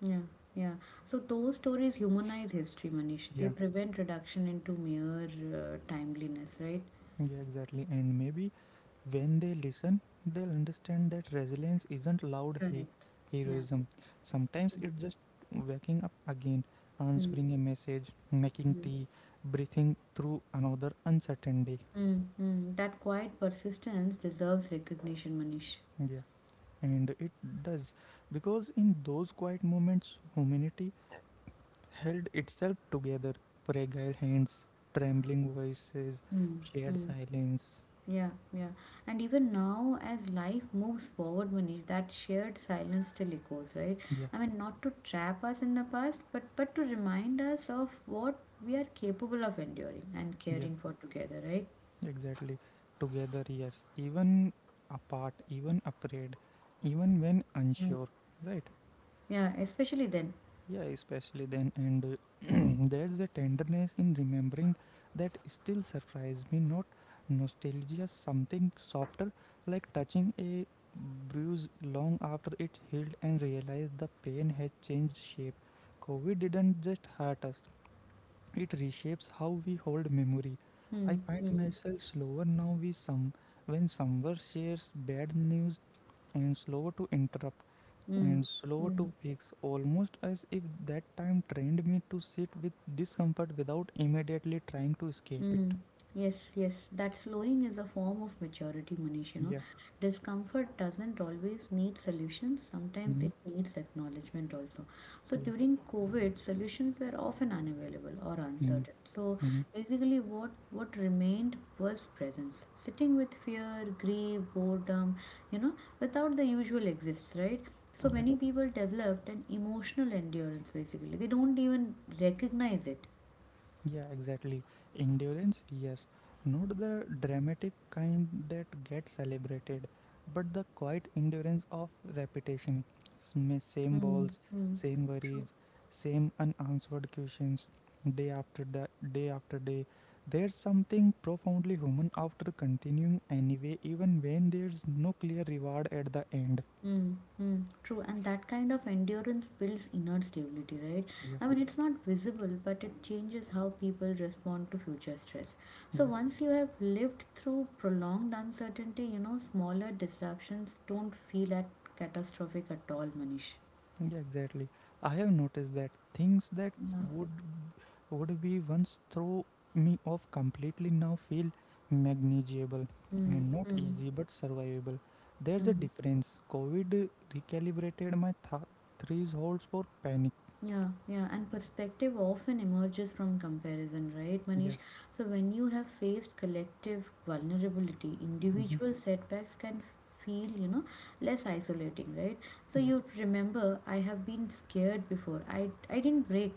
Yeah, yeah. So those stories humanize history, Manish. They
Yeah.
prevent reduction into mere uh, timeliness, right?
Yeah, exactly. And maybe when they listen, they'll understand that resilience isn't loud he-
Correct. Yeah.
heroism. Sometimes it's just waking up again,
Mm,
answering a message, making
mm,
tea, breathing through another uncertain day.
mm, mm. That quiet persistence deserves recognition, Manish.
Yeah, and it does because in those quiet moments, humanity held itself together. Fragile hands, trembling voices,
Mm,
shared
mm.
silence.
Yeah, yeah. And even now, as life moves forward, Manish, that shared silence still echoes, right?
Yeah,
I mean, not to trap us in the past, but but to remind us of what we are capable of enduring and
yeah.
caring for together, right?
Exactly. Together, yes. Even apart, even afraid, even when
Yeah,
unsure, right?
yeah. Especially then.
Yeah, especially then. And uh, there's a tenderness in remembering that still surprised me. Not nostalgia, something softer, like touching a bruise long after it healed and realized the pain had changed shape. COVID didn't just hurt us, it reshapes how we hold memory. I
Hmm.
find
Hmm.
myself slower now we some when someone shares bad news and slower to interrupt
Hmm.
and slower
Mm.
to fix, almost as if that time trained me to sit with discomfort without immediately trying to escape it.
Mm. Yes, yes. That slowing is a form of maturity, Manish, you know.
Yeah.
Discomfort doesn't always need solutions. Sometimes
Mm-hmm.
it needs acknowledgement also. So
Yeah.
during COVID, solutions were often unavailable or
Mm-hmm.
uncertain. So
Mm-hmm.
basically what what remained was presence. Sitting with fear, grief, boredom, you know, without the usual exists, right? So
Yeah.
many people developed an emotional endurance basically. They don't even recognize it.
Yeah, exactly. Endurance, yes. Not the dramatic kind that gets celebrated, but the quiet endurance of repetition. Same same
Mm.
balls,
Mm.
same
True.
worries, same unanswered questions, day after da- day after day. There's something profoundly human after continuing anyway, even when there's no clear reward at the end.
Mm, mm, true, and that kind of endurance builds inner stability, right?
Yeah,
I mean, it's not visible, but it changes how people respond to future stress. So,
yeah,
once you have lived through prolonged uncertainty, you know, smaller disruptions don't feel at catastrophic at all, Manish.
yeah, exactly. I have noticed that things that
Yeah.
would would be once throw me off completely now feel manageable
Mm,
and not
mm,
easy but survivable. There's a
mm.
difference. COVID recalibrated my th- thresholds for panic.
Yeah, yeah, and perspective often emerges from comparison, right, Manish?
Yeah.
So, when you have faced collective vulnerability,
Hmm.
individual setbacks can feel, you know, less isolating, right? So,
Yeah.
you remember, I have been scared before, I, I didn't break.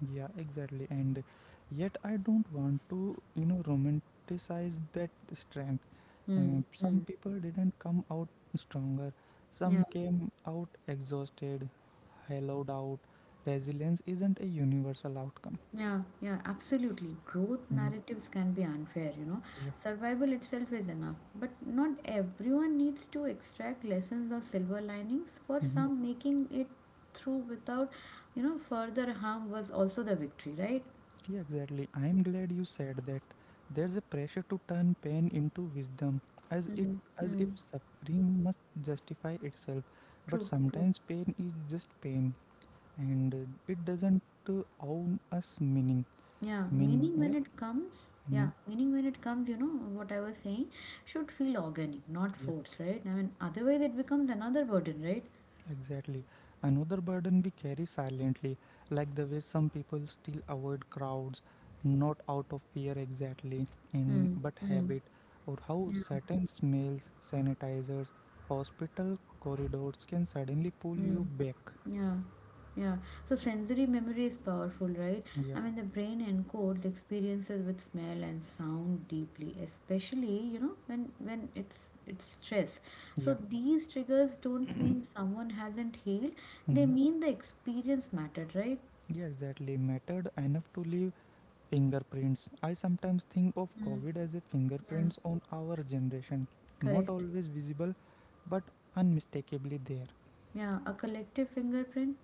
Yeah, exactly. And yet I don't want to, you know, romanticize that strength.
Hmm,
Um, some
hmm.
people didn't come out stronger.
Yeah.
Some came out exhausted, hollowed out. Resilience isn't a universal outcome.
Yeah, yeah, absolutely. Growth
Hmm.
narratives can be unfair, you know.
Yeah.
Survival itself is enough, but not everyone needs to extract lessons or silver linings. For
Hmm.
some, making it through without, you know, further harm was also the victory, right?
Yeah, exactly. I'm glad you said that. There's a pressure to turn pain into wisdom, as it
Mm,
as if
mm,
suffering must justify itself. But
true, true.
sometimes pain is just pain, and uh, it doesn't uh, own us meaning.
Yeah,
Mean,
meaning when
yeah.
it comes, yeah,
Hmm.
meaning when it comes, you know, what I was saying, should feel organic, not forced, right? I mean, otherwise it becomes another burden, right?
Exactly. Another burden we carry silently, like the way some people still avoid crowds, not out of fear exactly, in
Mm,
but
mm,
habit, or how
yeah,
certain smells, sanitizers, hospital corridors can suddenly pull you
mm.
back.
Yeah, yeah. So sensory memory is powerful, right?
Yeah,
I mean, the brain encodes experiences with smell and sound deeply, especially you know when when it's it's stress. So
yeah.
these triggers don't mean someone hasn't healed; they
Hmm.
mean the experience mattered, right?
Yeah, exactly. Mattered enough to leave fingerprints. I sometimes think of
Mm,
COVID as a
yeah,
fingerprints on our generation, not
correct.
always visible, but unmistakably there.
Yeah, a collective fingerprint,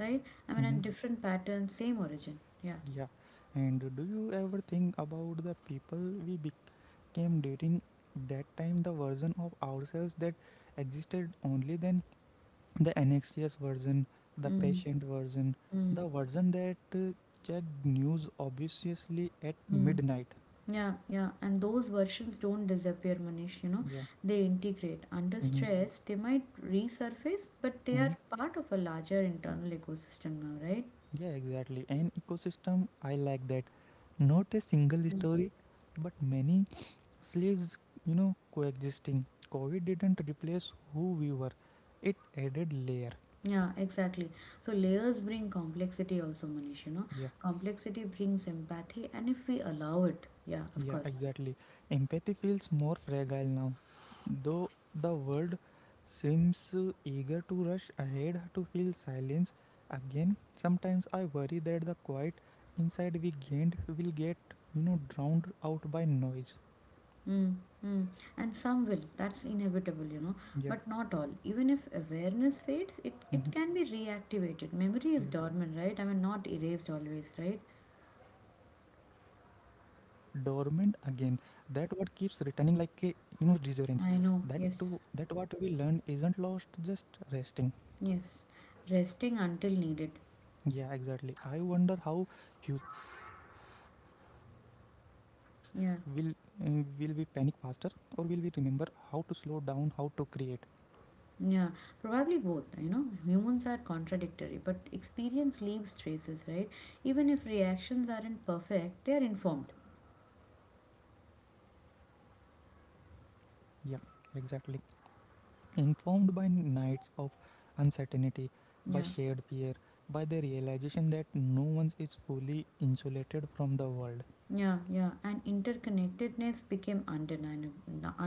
right? I mean,
Mm-hmm.
and different patterns, same origin. Yeah.
Yeah, and do you ever think about the people we became during that time, the version of ourselves that existed only then? The anxious version, the
Mm,
patient version,
mm,
the version that uh, checked news obviously at
mm.
midnight.
Yeah, yeah, and those versions don't disappear, Manish. You know,
Yeah.
they integrate. Under
Mm-hmm.
stress, they might resurface, but they
Mm-hmm.
are part of a larger internal ecosystem now, right?
Yeah, exactly. An ecosystem, I like that. Not a single
Mm.
story, but many slaves, you know, coexisting. COVID didn't replace who we were, it added layer.
Yeah, exactly. So layers bring complexity also, Manish. You know,
Yeah,
complexity brings empathy, and if we allow it, yeah, of
yeah,
course.
exactly. Empathy feels more fragile now. Though the world seems uh, eager to rush ahead to fill silence again, sometimes I worry that the quiet inside we gained will get, you know, drowned out by noise.
Mm, mm. And some will, that's inevitable, you know,
Yeah.
but not all. Even if awareness fades, it,
Mhm,
it can be reactivated. Memory is
yeah.
dormant, right? I mean, not erased always, right?
Yeah, exactly. Dormant again. That what keeps returning like a, you know, resurgence. That
I
too.
know,
That
yes,
what we learn isn't lost, just resting.
yes. Resting until needed.
Yeah, exactly. I wonder how future crises will find us. Will mm, will
Yeah,
we panic faster, or will we remember how to slow down, how to create?
yeah. Probably both, you know. Humans are contradictory, but experience leaves traces, right? Even if reactions aren't perfect, they are informed.
Yeah, exactly. Informed by nights of uncertainty, by
Yeah,
shared fear, by the realization that no one is fully insulated from the world.
yeah, yeah. And interconnectedness became undeniable,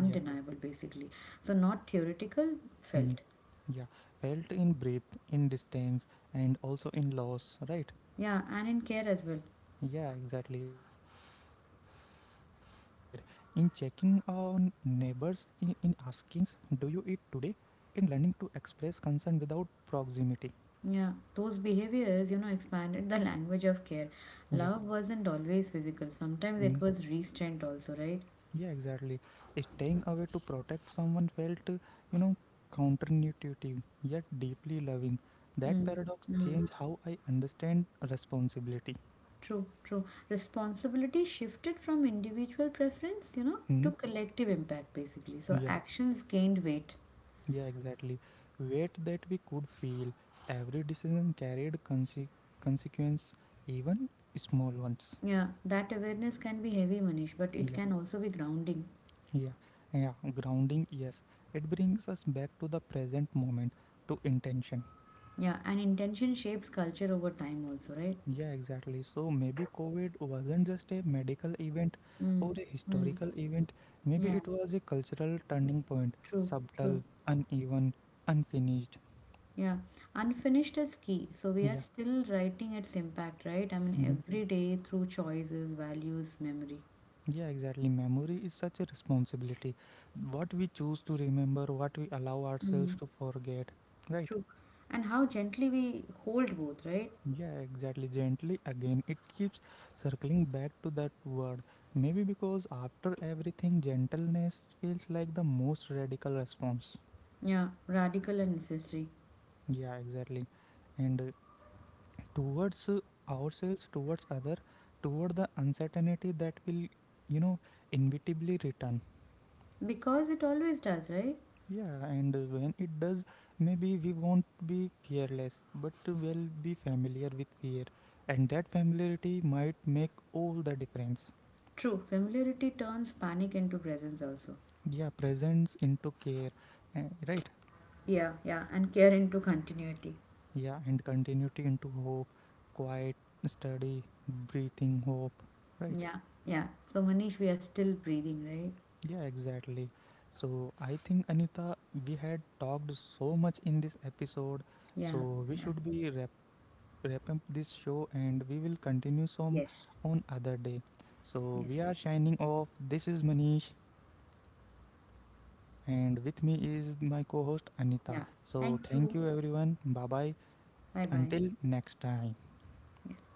Yeah.
basically. So, not theoretical,
Mhm.
felt.
Yeah, felt in breath, in distance, and also in loss, right?
Yeah, and in care as well.
Yeah, exactly. Yes, in care, in checking on neighbors, in, in asking, do you eat today? In learning to express concern without proximity.
Yeah, those behaviors, you know, expanded the language of care.
Yeah.
Love wasn't always physical. Sometimes
Mm-hmm.
it was restraint also, right?
Yeah, exactly. Staying away to protect someone felt, uh, you know, counterintuitive yet deeply loving. That
Mm,
paradox
mm,
changed how I understand responsibility.
true, true. Responsibility shifted from individual preference, you know,
Hmm?
to collective impact basically. So
Yeah,
actions gained weight.
yeah, exactly. Weight that we could feel. Every decision carried conse- consequence, even small ones.
Yeah, that awareness can be heavy, Manish, but it
Yeah,
can also be grounding.
yeah, yeah. Grounding, yes. It brings us back to the present moment, to intention.
Yeah, and intention shapes culture over time also, right?
Yeah, exactly. So maybe COVID wasn't just a medical event or
Mm,
a
mm,
historical event. Maybe
yeah,
it was a cultural turning point,
true, true.
subtle, uneven, unfinished.
Yeah, unfinished is key. So we are
Yeah.
still writing its impact, right? I mean,
Hmm.
every day through choices, values, memory.
Yeah, exactly. Memory is such a responsibility. What we choose to remember, what we allow ourselves
Mm.
to forget, right?
True. And how gently we hold both, right?
Yeah, exactly. Gently again, it keeps circling back to that word. Maybe because after everything, gentleness feels like the most radical response.
Yeah, radical and necessary.
Yeah, exactly. And uh, towards uh, ourselves, towards other, toward the uncertainty that will, you know, inevitably return.
Because it always does, right?
Yeah, and uh, when it does, maybe we won't be fearless, but we'll be familiar with fear, and that familiarity might make all the difference.
True. Familiarity turns panic into presence also.
Yeah, presence into care, eh, right?
Yeah, yeah, and care into continuity.
Yeah, and continuity into hope, quiet, steady, breathing hope, right?
Yeah, yeah. So, Manish, we are still breathing, right?
Yeah, exactly. So I think Anita, we had talked so much in this episode,
Yeah,
so we
yeah.
should be wrap, wrap up this show and we will continue some
Yes,
on other day. So
yes.
we are shining off. This is Manish, and with me is my co-host Anita.
Yeah.
So
Thank you.
thank you everyone. Bye bye.
Bye bye.
Until next time.
Yes.